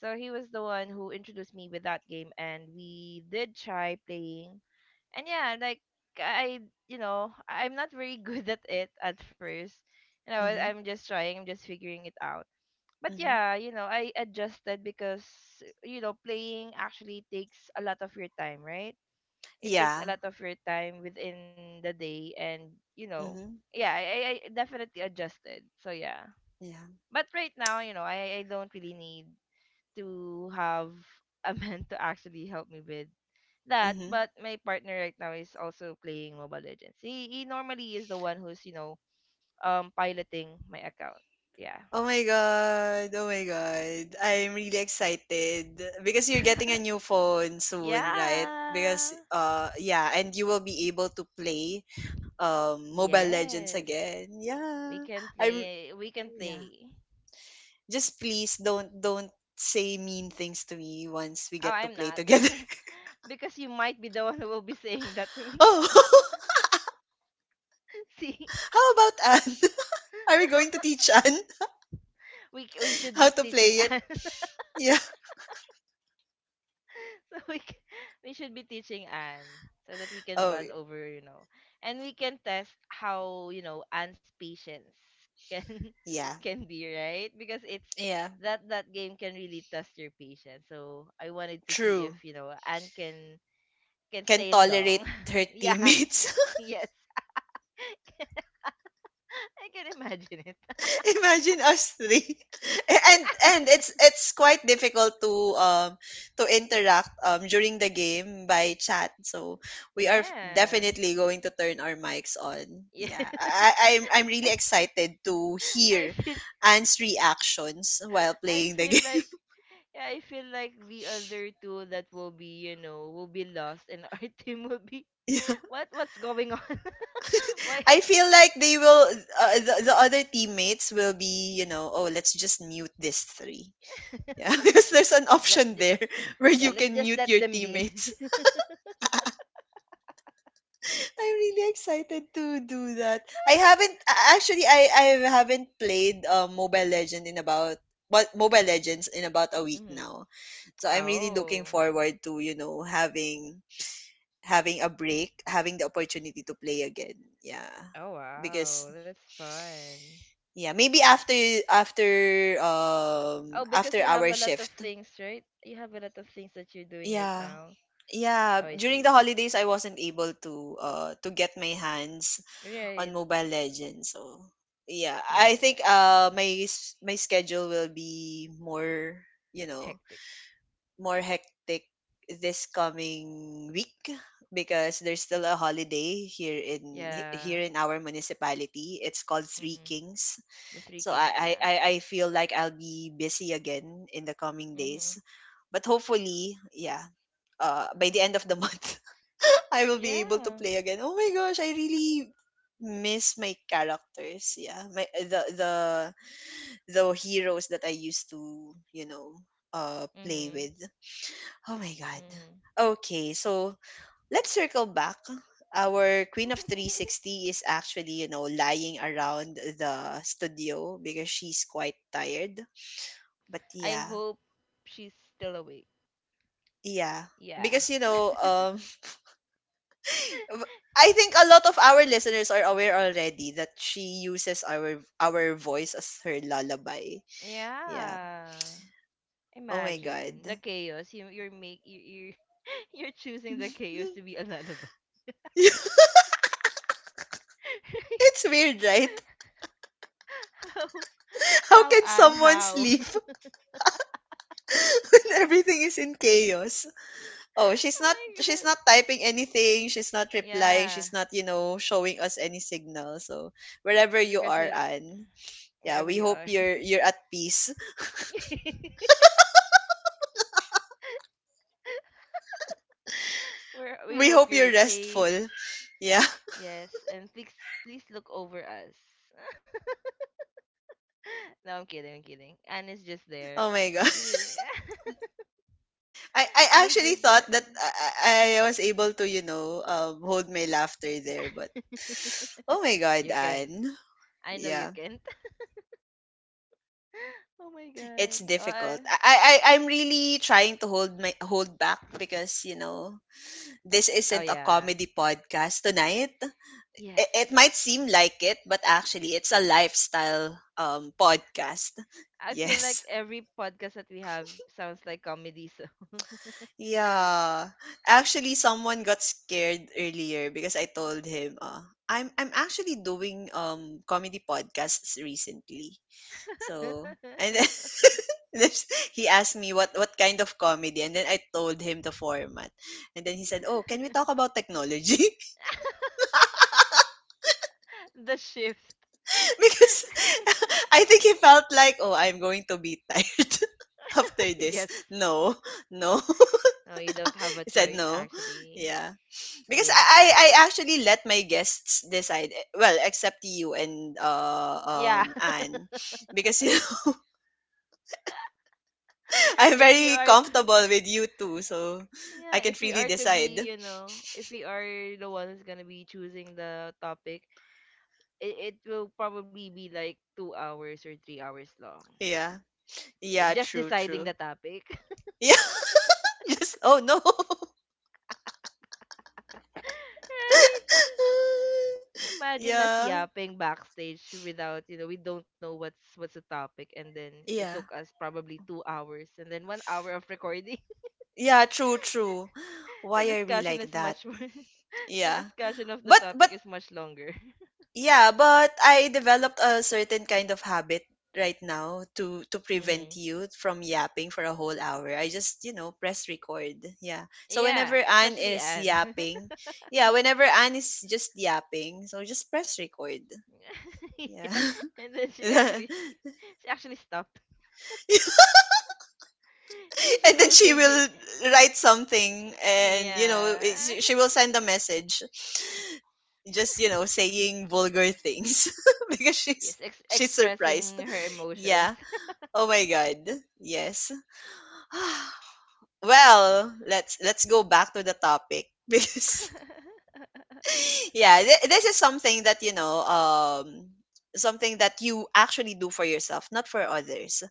[SPEAKER 2] So he was the one who introduced me with that game and we did try playing. And yeah, like I, you know, I'm not very (laughs) good at it at first. You know, I-
[SPEAKER 1] Mhm.
[SPEAKER 2] I'm just trying, I'm just figuring it out. But
[SPEAKER 1] Mhm.
[SPEAKER 2] yeah, you know, I adjusted because you know, playing actually takes a lot of your time, right? It takes a
[SPEAKER 1] Yeah.
[SPEAKER 2] lot of your time within the day, and you know,
[SPEAKER 1] Mhm.
[SPEAKER 2] yeah, I definitely adjusted, so yeah.
[SPEAKER 1] Yeah.
[SPEAKER 2] But right now, you know, I don't really need to have a (laughs) man to actually help me with that.
[SPEAKER 1] Mhm.
[SPEAKER 2] But my partner right now is also playing Mobile Legends. He normally is the one who's, you know, piloting my account. Yeah.
[SPEAKER 1] Oh my god. Oh my god. I'm really excited because you're getting a
[SPEAKER 2] (laughs)
[SPEAKER 1] new phone soon, right?
[SPEAKER 2] Yeah.
[SPEAKER 1] Because yeah, and you will be able to play Mobile Legends
[SPEAKER 2] Yes,
[SPEAKER 1] again.
[SPEAKER 2] we
[SPEAKER 1] Yeah.
[SPEAKER 2] can
[SPEAKER 1] I'm
[SPEAKER 2] play, we can
[SPEAKER 1] yeah.
[SPEAKER 2] play.
[SPEAKER 1] Just please don't say mean things to me once we
[SPEAKER 2] Oh,
[SPEAKER 1] get to
[SPEAKER 2] I'm
[SPEAKER 1] play
[SPEAKER 2] not.
[SPEAKER 1] together. (laughs)
[SPEAKER 2] (laughs) Because you might be the one who will be saying that to me.
[SPEAKER 1] Oh, (laughs)
[SPEAKER 2] (laughs) See,
[SPEAKER 1] how about Anne? (laughs) Are we going to teach Anne
[SPEAKER 2] we
[SPEAKER 1] (laughs)
[SPEAKER 2] should
[SPEAKER 1] how
[SPEAKER 2] be
[SPEAKER 1] to play
[SPEAKER 2] teaching
[SPEAKER 1] it?
[SPEAKER 2] Anne. (laughs)
[SPEAKER 1] Yeah.
[SPEAKER 2] so we c- we should be teaching Anne so that we can
[SPEAKER 1] Oh,
[SPEAKER 2] bond over, you know, and we can test how, you know, Anne's patience can (laughs)
[SPEAKER 1] yeah.
[SPEAKER 2] can be, right? Because it's,
[SPEAKER 1] Yeah.
[SPEAKER 2] that, that game can really test your patience. So I wanted to see
[SPEAKER 1] True.
[SPEAKER 2] if, you know, Anne can
[SPEAKER 1] Can
[SPEAKER 2] stay long.
[SPEAKER 1] tolerate her
[SPEAKER 2] (laughs) Yeah.
[SPEAKER 1] teammates. (laughs)
[SPEAKER 2] Yes. (laughs) I can imagine it.
[SPEAKER 1] (laughs) Imagine us three. (laughs) And it's quite difficult to interact during the game by chat. So we are
[SPEAKER 2] Yeah.
[SPEAKER 1] definitely going to turn our mics on.
[SPEAKER 2] Yes.
[SPEAKER 1] Yeah.
[SPEAKER 2] (laughs)
[SPEAKER 1] I'm really excited to
[SPEAKER 2] I
[SPEAKER 1] hear
[SPEAKER 2] feel
[SPEAKER 1] Anne's reactions while
[SPEAKER 2] I
[SPEAKER 1] playing the
[SPEAKER 2] feel
[SPEAKER 1] (laughs) game.
[SPEAKER 2] like yeah, I feel like the other two that will be, you know, will be lost and our (laughs) team will be,
[SPEAKER 1] Yeah.
[SPEAKER 2] what what's going on? (laughs) Why?
[SPEAKER 1] I feel like they will, the, other teammates will be, you know, oh, let's just mute this three. Yeah, (laughs) because there's an
[SPEAKER 2] let
[SPEAKER 1] option
[SPEAKER 2] ju-
[SPEAKER 1] there (laughs) where
[SPEAKER 2] yeah,
[SPEAKER 1] you
[SPEAKER 2] let's
[SPEAKER 1] can
[SPEAKER 2] just
[SPEAKER 1] mute
[SPEAKER 2] let
[SPEAKER 1] your
[SPEAKER 2] them be.
[SPEAKER 1] teammates. I'm really excited to do that. I haven't a- actually I haven't played, Mobile Legend in about, what Mobile Legends in about a
[SPEAKER 2] (laughs)
[SPEAKER 1] week
[SPEAKER 2] Hmm.
[SPEAKER 1] now. So I'm really looking
[SPEAKER 2] Oh.
[SPEAKER 1] forward to, you know, having a break, having the opportunity to play again. Yeah.
[SPEAKER 2] Oh
[SPEAKER 1] Because
[SPEAKER 2] wow, that's fun.
[SPEAKER 1] yeah, maybe after
[SPEAKER 2] Oh, because
[SPEAKER 1] after
[SPEAKER 2] you have
[SPEAKER 1] our
[SPEAKER 2] a lot of
[SPEAKER 1] shift.
[SPEAKER 2] things, right? You have a lot of things that you're doing right
[SPEAKER 1] Yeah.
[SPEAKER 2] now.
[SPEAKER 1] Yeah,
[SPEAKER 2] Oh, I
[SPEAKER 1] during the
[SPEAKER 2] see.
[SPEAKER 1] holidays I wasn't able to get my hands on
[SPEAKER 2] Right.
[SPEAKER 1] Mobile Legends. So yeah,
[SPEAKER 2] Yeah,
[SPEAKER 1] I
[SPEAKER 2] yeah.
[SPEAKER 1] think my schedule will be more, you know,
[SPEAKER 2] Hectic.
[SPEAKER 1] more hectic this coming week, because there's still a holiday here
[SPEAKER 2] Yeah.
[SPEAKER 1] here in our municipality. It's called Three
[SPEAKER 2] Mhm.
[SPEAKER 1] Kings.
[SPEAKER 2] The Three
[SPEAKER 1] So
[SPEAKER 2] Kings, yeah.
[SPEAKER 1] I feel like I'll be busy again in the coming days.
[SPEAKER 2] Mhm.
[SPEAKER 1] But hopefully, yeah, uh, by the end of the (laughs) month I will be able to
[SPEAKER 2] Yeah.
[SPEAKER 1] play again. Oh my gosh, I really miss my characters. Yeah, my the the heroes that I used to, you know, play
[SPEAKER 2] Mhm.
[SPEAKER 1] with. Oh my god.
[SPEAKER 2] Mhm.
[SPEAKER 1] Okay, so let's circle back. Our Queen of
[SPEAKER 2] (laughs)
[SPEAKER 1] 360 is actually, you know, lying around the studio because she's quite tired. But
[SPEAKER 2] I
[SPEAKER 1] yeah,
[SPEAKER 2] hope she's still awake.
[SPEAKER 1] yeah.
[SPEAKER 2] Yeah.
[SPEAKER 1] Because, you
[SPEAKER 2] (laughs)
[SPEAKER 1] know, I think a lot of our listeners are aware already that she uses our voice as her lullaby. Yeah.
[SPEAKER 2] Yeah.
[SPEAKER 1] Oh my
[SPEAKER 2] Imagine the
[SPEAKER 1] god.
[SPEAKER 2] chaos. You (laughs) you're choosing the chaos to
[SPEAKER 1] (laughs)
[SPEAKER 2] be a lullaby.
[SPEAKER 1] It's weird, right?
[SPEAKER 2] (laughs) how
[SPEAKER 1] (laughs) How
[SPEAKER 2] how
[SPEAKER 1] can
[SPEAKER 2] and
[SPEAKER 1] someone
[SPEAKER 2] how?
[SPEAKER 1] sleep (laughs) when everything is in chaos? Oh,
[SPEAKER 2] (laughs) Oh my
[SPEAKER 1] she's
[SPEAKER 2] god.
[SPEAKER 1] not typing anything, she's not replying,
[SPEAKER 2] Yeah.
[SPEAKER 1] she's not, you know, showing us any signal. So,
[SPEAKER 2] We,
[SPEAKER 1] wherever you
[SPEAKER 2] because you,
[SPEAKER 1] are, Anne, yeah,
[SPEAKER 2] wherever
[SPEAKER 1] we
[SPEAKER 2] you
[SPEAKER 1] hope
[SPEAKER 2] are,
[SPEAKER 1] you're at peace.
[SPEAKER 2] (laughs) we
[SPEAKER 1] (laughs)
[SPEAKER 2] we
[SPEAKER 1] We
[SPEAKER 2] hope
[SPEAKER 1] hope
[SPEAKER 2] you're
[SPEAKER 1] you're
[SPEAKER 2] safe.
[SPEAKER 1] restful. Yeah.
[SPEAKER 2] Yes, and please please look over us. (laughs) No, I'm kidding. I'm kidding. Anne's just
[SPEAKER 1] (laughs)
[SPEAKER 2] there.
[SPEAKER 1] Oh my god.
[SPEAKER 2] She,
[SPEAKER 1] I,
[SPEAKER 2] (laughs)
[SPEAKER 1] I
[SPEAKER 2] Anne's
[SPEAKER 1] actually
[SPEAKER 2] just
[SPEAKER 1] thought
[SPEAKER 2] there.
[SPEAKER 1] that I was able to, you know, hold my laughter there. But oh my God,
[SPEAKER 2] You can't.
[SPEAKER 1] Anne.
[SPEAKER 2] I know you
[SPEAKER 1] Yeah,
[SPEAKER 2] can't. (laughs) Oh my god.
[SPEAKER 1] it's
[SPEAKER 2] Oh,
[SPEAKER 1] difficult.
[SPEAKER 2] I-,
[SPEAKER 1] I'm really trying to hold my hold back because, you know, this
[SPEAKER 2] oh
[SPEAKER 1] isn't a
[SPEAKER 2] yeah.
[SPEAKER 1] comedy podcast tonight.
[SPEAKER 2] Yes.
[SPEAKER 1] It might seem like it, but actually it's a lifestyle podcast. (laughs)
[SPEAKER 2] I feel like
[SPEAKER 1] Yes.
[SPEAKER 2] every podcast that we have sounds like comedy. So
[SPEAKER 1] Yeah. Actually, someone got scared earlier because I told him, I'm actually doing comedy podcasts recently. So and then (laughs) there's- he asked me what kind of comedy, and then I told him the format, and then he said, "Oh, can we talk
[SPEAKER 2] (laughs)
[SPEAKER 1] about technology?" (laughs)
[SPEAKER 2] the shift.
[SPEAKER 1] Because (laughs) I think he felt like, "Oh, I'm going to be tired (laughs) after
[SPEAKER 2] (laughs)
[SPEAKER 1] this."
[SPEAKER 2] Yes.
[SPEAKER 1] No, no,
[SPEAKER 2] No, you don't have
[SPEAKER 1] (laughs)
[SPEAKER 2] a
[SPEAKER 1] he said
[SPEAKER 2] choice
[SPEAKER 1] no.
[SPEAKER 2] actually.
[SPEAKER 1] Yeah.
[SPEAKER 2] So
[SPEAKER 1] Because I,
[SPEAKER 2] yeah.
[SPEAKER 1] I I actually let my guests decide. Eh, well, except you and
[SPEAKER 2] (laughs) Yeah.
[SPEAKER 1] Anne, because you know, (laughs)
[SPEAKER 2] (laughs)
[SPEAKER 1] I'm
[SPEAKER 2] If we
[SPEAKER 1] very
[SPEAKER 2] are to,
[SPEAKER 1] comfortable with you two, so
[SPEAKER 2] yeah,
[SPEAKER 1] I can
[SPEAKER 2] if we
[SPEAKER 1] freely
[SPEAKER 2] are to be,
[SPEAKER 1] decide.
[SPEAKER 2] you know, if we are the one who's gonna be choosing the topic, it will probably be like 2 hours or 3 hours long.
[SPEAKER 1] Yeah,
[SPEAKER 2] Yeah,
[SPEAKER 1] yeah,
[SPEAKER 2] just
[SPEAKER 1] true,
[SPEAKER 2] deciding
[SPEAKER 1] true.
[SPEAKER 2] the topic. (laughs)
[SPEAKER 1] Yeah, (laughs) just oh no.
[SPEAKER 2] Right?
[SPEAKER 1] (laughs)
[SPEAKER 2] Imagine us
[SPEAKER 1] Yeah,
[SPEAKER 2] yapping backstage without, you know, we don't know what's the topic, and then it
[SPEAKER 1] yeah,
[SPEAKER 2] took us probably 2 hours and then 1 hour of recording. (laughs)
[SPEAKER 1] yeah, true, true.
[SPEAKER 2] The
[SPEAKER 1] Why are we
[SPEAKER 2] discussion
[SPEAKER 1] like
[SPEAKER 2] is
[SPEAKER 1] that?
[SPEAKER 2] much more, (laughs) the
[SPEAKER 1] Yeah,
[SPEAKER 2] discussion of the
[SPEAKER 1] but
[SPEAKER 2] topic is much longer. (laughs)
[SPEAKER 1] yeah, but I developed a certain kind of habit right now to prevent
[SPEAKER 2] Mhm.
[SPEAKER 1] you from yapping for a whole hour. I just, you know, press record. Yeah. So
[SPEAKER 2] Yeah,
[SPEAKER 1] whenever Anne
[SPEAKER 2] especially
[SPEAKER 1] is
[SPEAKER 2] Anne. (laughs)
[SPEAKER 1] yapping, yeah, whenever Anne is just yapping, so just press record. Yeah.
[SPEAKER 2] Yeah. And then
[SPEAKER 1] (laughs)
[SPEAKER 2] she
[SPEAKER 1] (laughs)
[SPEAKER 2] actually (laughs) she actually stopped.
[SPEAKER 1] And
[SPEAKER 2] (laughs) And she
[SPEAKER 1] then
[SPEAKER 2] will
[SPEAKER 1] she
[SPEAKER 2] say be,
[SPEAKER 1] will write something and you know,
[SPEAKER 2] yeah.
[SPEAKER 1] she will
[SPEAKER 2] (laughs)
[SPEAKER 1] send a message just, you know, saying vulgar things (laughs) because
[SPEAKER 2] Yes, ex-
[SPEAKER 1] she's
[SPEAKER 2] expressing
[SPEAKER 1] surprised.
[SPEAKER 2] her emotions.
[SPEAKER 1] Yeah. Oh my god. Yes. (sighs) Well, let's go back to the topic (laughs) because
[SPEAKER 2] (laughs)
[SPEAKER 1] yeah, this is something that you know, something that you actually do for yourself, not for others.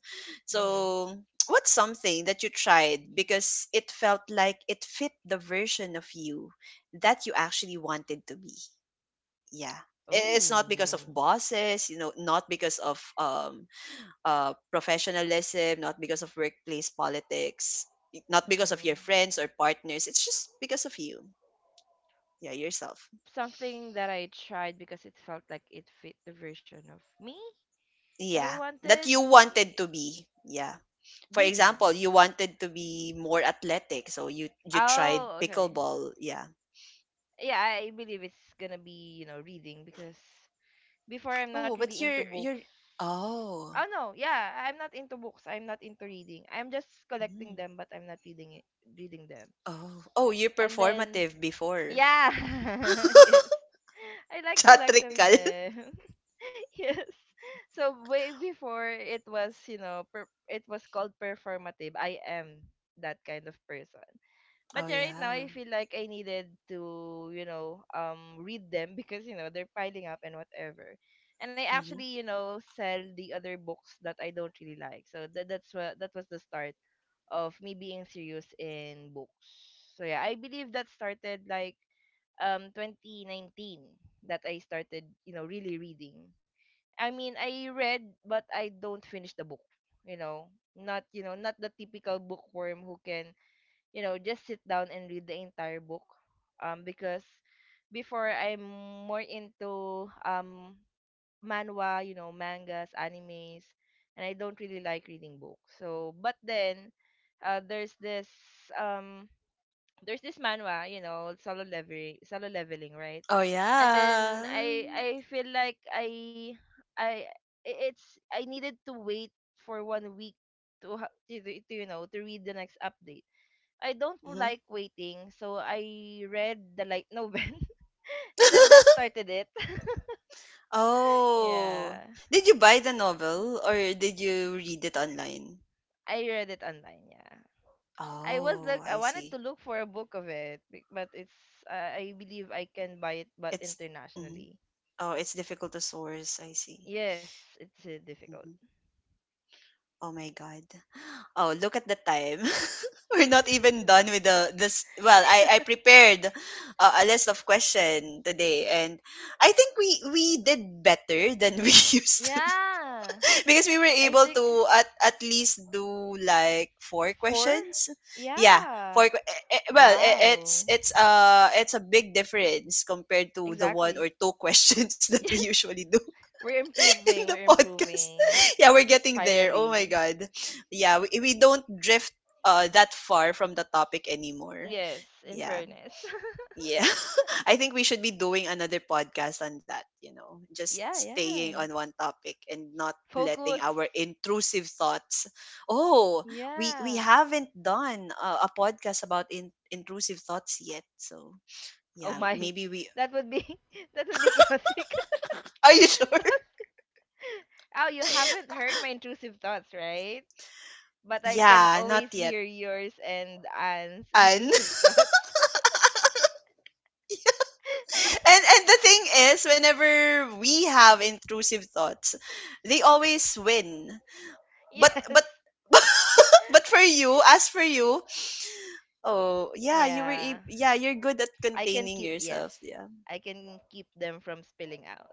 [SPEAKER 2] Mhm.
[SPEAKER 1] So, what's something that you tried because it felt like it fit the version of you that you actually wanted to be? Yeah. It's not because of
[SPEAKER 2] Oh.
[SPEAKER 1] bosses, you know, not because of professionalism, not because of workplace politics, not because of your
[SPEAKER 2] Mhm.
[SPEAKER 1] friends or partners. It's just because of you. Yeah, yourself.
[SPEAKER 2] Something that I tried because it felt like it fit the version of me that I
[SPEAKER 1] Yeah, that
[SPEAKER 2] wanted.
[SPEAKER 1] you wanted
[SPEAKER 2] y-
[SPEAKER 1] to be. Yeah. For
[SPEAKER 2] Reading.
[SPEAKER 1] example, you wanted to be more athletic, so you tried
[SPEAKER 2] Oh, okay.
[SPEAKER 1] pickleball. Yeah.
[SPEAKER 2] Yeah, I believe it's gonna be, you know, reading because before I'm not
[SPEAKER 1] Oh,
[SPEAKER 2] really
[SPEAKER 1] but
[SPEAKER 2] into books.
[SPEAKER 1] you're
[SPEAKER 2] Oh
[SPEAKER 1] oh.
[SPEAKER 2] no, yeah, I'm not into books. I'm not into reading. I'm just collecting
[SPEAKER 1] Mm.
[SPEAKER 2] them, but I'm not reading it, reading them.
[SPEAKER 1] Oh, oh, you're
[SPEAKER 2] And then,
[SPEAKER 1] performative before.
[SPEAKER 2] yeah,
[SPEAKER 1] (laughs)
[SPEAKER 2] (laughs) yes, I like collecting
[SPEAKER 1] Theatrical.
[SPEAKER 2] them. (laughs) (laughs) Yes. So way before it was, you know, per- it was called performative. I am that kind of person. But
[SPEAKER 1] Oh
[SPEAKER 2] yeah, right now
[SPEAKER 1] yeah.
[SPEAKER 2] I feel like I needed to, you know, read them because, you know, they're piling up and whatever. And I
[SPEAKER 1] Hmm.
[SPEAKER 2] actually, you know, sell the other books that I don't really like. So that, that's what, that was the start of me being serious in books. So yeah, I believe that started like 2019, that I started, you know, really reading. I mean, I read, but I don't finish the book. You know, not, you know, not the typical bookworm who can, you know, just sit down and read the entire book. Because before I'm more into manhwa, you know, mangas, animes, and I don't really like reading books. So, but then, there's this, um, there's this manhwa, you know, Solo Leveling, Solo Leveling, right?
[SPEAKER 1] Oh
[SPEAKER 2] And then
[SPEAKER 1] yeah.
[SPEAKER 2] I feel like I it's I needed to wait for 1 week to to, you know, to read the next update. I don't
[SPEAKER 1] Hmm.
[SPEAKER 2] like waiting, so I read the light novel, (laughs) and then that
[SPEAKER 1] (laughs)
[SPEAKER 2] started it. (laughs)
[SPEAKER 1] Oh.
[SPEAKER 2] Yeah,
[SPEAKER 1] Did you buy the novel or did you read it online?
[SPEAKER 2] I read it online. Yeah, I was look,
[SPEAKER 1] Oh,
[SPEAKER 2] I
[SPEAKER 1] I
[SPEAKER 2] wanted to
[SPEAKER 1] see.
[SPEAKER 2] look for a book of it, but it's, I believe I can buy it, but
[SPEAKER 1] It's, mhm.
[SPEAKER 2] internationally.
[SPEAKER 1] Oh, it's difficult to source. I see.
[SPEAKER 2] Yes, it's difficult.
[SPEAKER 1] Mhm.
[SPEAKER 2] (laughs)
[SPEAKER 1] Oh my God. (gasps) Oh, look at the time. (laughs) We're not even done with the this. Well, I
[SPEAKER 2] Yeah.
[SPEAKER 1] prepared, a list of question today, and I think we did better than we (laughs) used,
[SPEAKER 2] Yeah.
[SPEAKER 1] because we were
[SPEAKER 2] I
[SPEAKER 1] able
[SPEAKER 2] think,
[SPEAKER 1] to, at least do like four
[SPEAKER 2] four?
[SPEAKER 1] questions. Yeah, four
[SPEAKER 2] Yeah.
[SPEAKER 1] que- eh, eh, well eh, it's
[SPEAKER 2] Wow.
[SPEAKER 1] it's uh it's a big difference compared to the one
[SPEAKER 2] Exactly.
[SPEAKER 1] or
[SPEAKER 2] (laughs)
[SPEAKER 1] two (laughs) questions that we
[SPEAKER 2] Yes.
[SPEAKER 1] usually do
[SPEAKER 2] We're
[SPEAKER 1] (laughs) in
[SPEAKER 2] improving.
[SPEAKER 1] the
[SPEAKER 2] We're
[SPEAKER 1] podcast.
[SPEAKER 2] improving.
[SPEAKER 1] (laughs) Yeah, we're getting there, oh my
[SPEAKER 2] Finally.
[SPEAKER 1] god. Yeah, we don't drift, that far from the topic anymore.
[SPEAKER 2] Yes, in
[SPEAKER 1] Yeah.
[SPEAKER 2] fairness.
[SPEAKER 1] Yeah. (laughs) I think we should be doing another podcast on that, you know,
[SPEAKER 2] (laughs)
[SPEAKER 1] just
[SPEAKER 2] Yeah, yeah.
[SPEAKER 1] staying on one topic and not
[SPEAKER 2] Focus.
[SPEAKER 1] letting our intrusive thoughts. Oh, we
[SPEAKER 2] Yeah.
[SPEAKER 1] haven't done a podcast about, intrusive thoughts yet. So,
[SPEAKER 2] Oh
[SPEAKER 1] yeah,
[SPEAKER 2] my. (laughs)
[SPEAKER 1] maybe we
[SPEAKER 2] That would be (laughs) that would be chaotic.
[SPEAKER 1] (laughs) Are you sure?
[SPEAKER 2] (laughs) Oh, you haven't heard my intrusive thoughts, right? But I can
[SPEAKER 1] Yeah, not
[SPEAKER 2] always
[SPEAKER 1] yet.
[SPEAKER 2] hear yours and Anne's
[SPEAKER 1] And
[SPEAKER 2] intrusive thoughts.
[SPEAKER 1] (laughs) and the thing is whenever we have intrusive thoughts, they always win.
[SPEAKER 2] (laughs)
[SPEAKER 1] But
[SPEAKER 2] Yes.
[SPEAKER 1] (laughs) but for you, as for you, oh, yeah,
[SPEAKER 2] Yeah.
[SPEAKER 1] yeah, you're good at
[SPEAKER 2] I can
[SPEAKER 1] containing
[SPEAKER 2] keep, yes.
[SPEAKER 1] yourself. Yeah.
[SPEAKER 2] I can keep them from spilling out.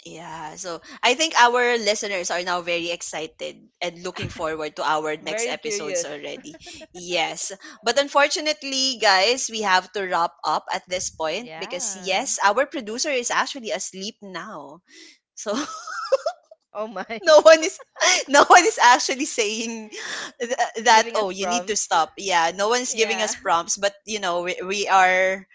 [SPEAKER 1] Yeah. So, I think our listeners are now very excited and looking forward to our next
[SPEAKER 2] Very
[SPEAKER 1] episodes
[SPEAKER 2] curious.
[SPEAKER 1] already.
[SPEAKER 2] (laughs)
[SPEAKER 1] Yes. But unfortunately, guys, we have to wrap up at this point because
[SPEAKER 2] Yeah.
[SPEAKER 1] yes, our producer is actually asleep now. So, (laughs)
[SPEAKER 2] Oh my.
[SPEAKER 1] no
[SPEAKER 2] (laughs)
[SPEAKER 1] one is (laughs) no one is actually saying th- that
[SPEAKER 2] Giving
[SPEAKER 1] oh,
[SPEAKER 2] us
[SPEAKER 1] you need to
[SPEAKER 2] prompts.
[SPEAKER 1] stop. Yeah, no one's giving
[SPEAKER 2] Yeah.
[SPEAKER 1] us
[SPEAKER 2] (laughs)
[SPEAKER 1] prompts, but you know, we are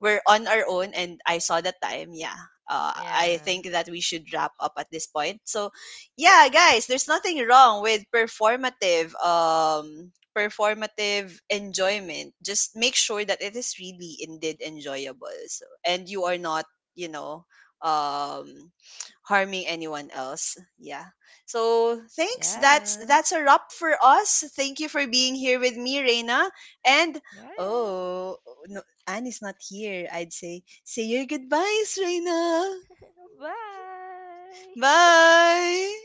[SPEAKER 1] we're on our own, and I saw the time, yeah. I
[SPEAKER 2] Yeah.
[SPEAKER 1] think that we should wrap up at this point. So,
[SPEAKER 2] Yep.
[SPEAKER 1] yeah, guys, there's nothing wrong with performative enjoyment. Just make sure that it is really indeed enjoyable. So, and you are not, you know, um, harming anyone else. Yeah. So, thanks.
[SPEAKER 2] Yeah.
[SPEAKER 1] That's a wrap for us. Thank you for being here with me, Reina. And
[SPEAKER 2] Yes.
[SPEAKER 1] oh, no, Anne is not here, I'd say, say your goodbyes, Reyna.
[SPEAKER 2] Bye.
[SPEAKER 1] Bye!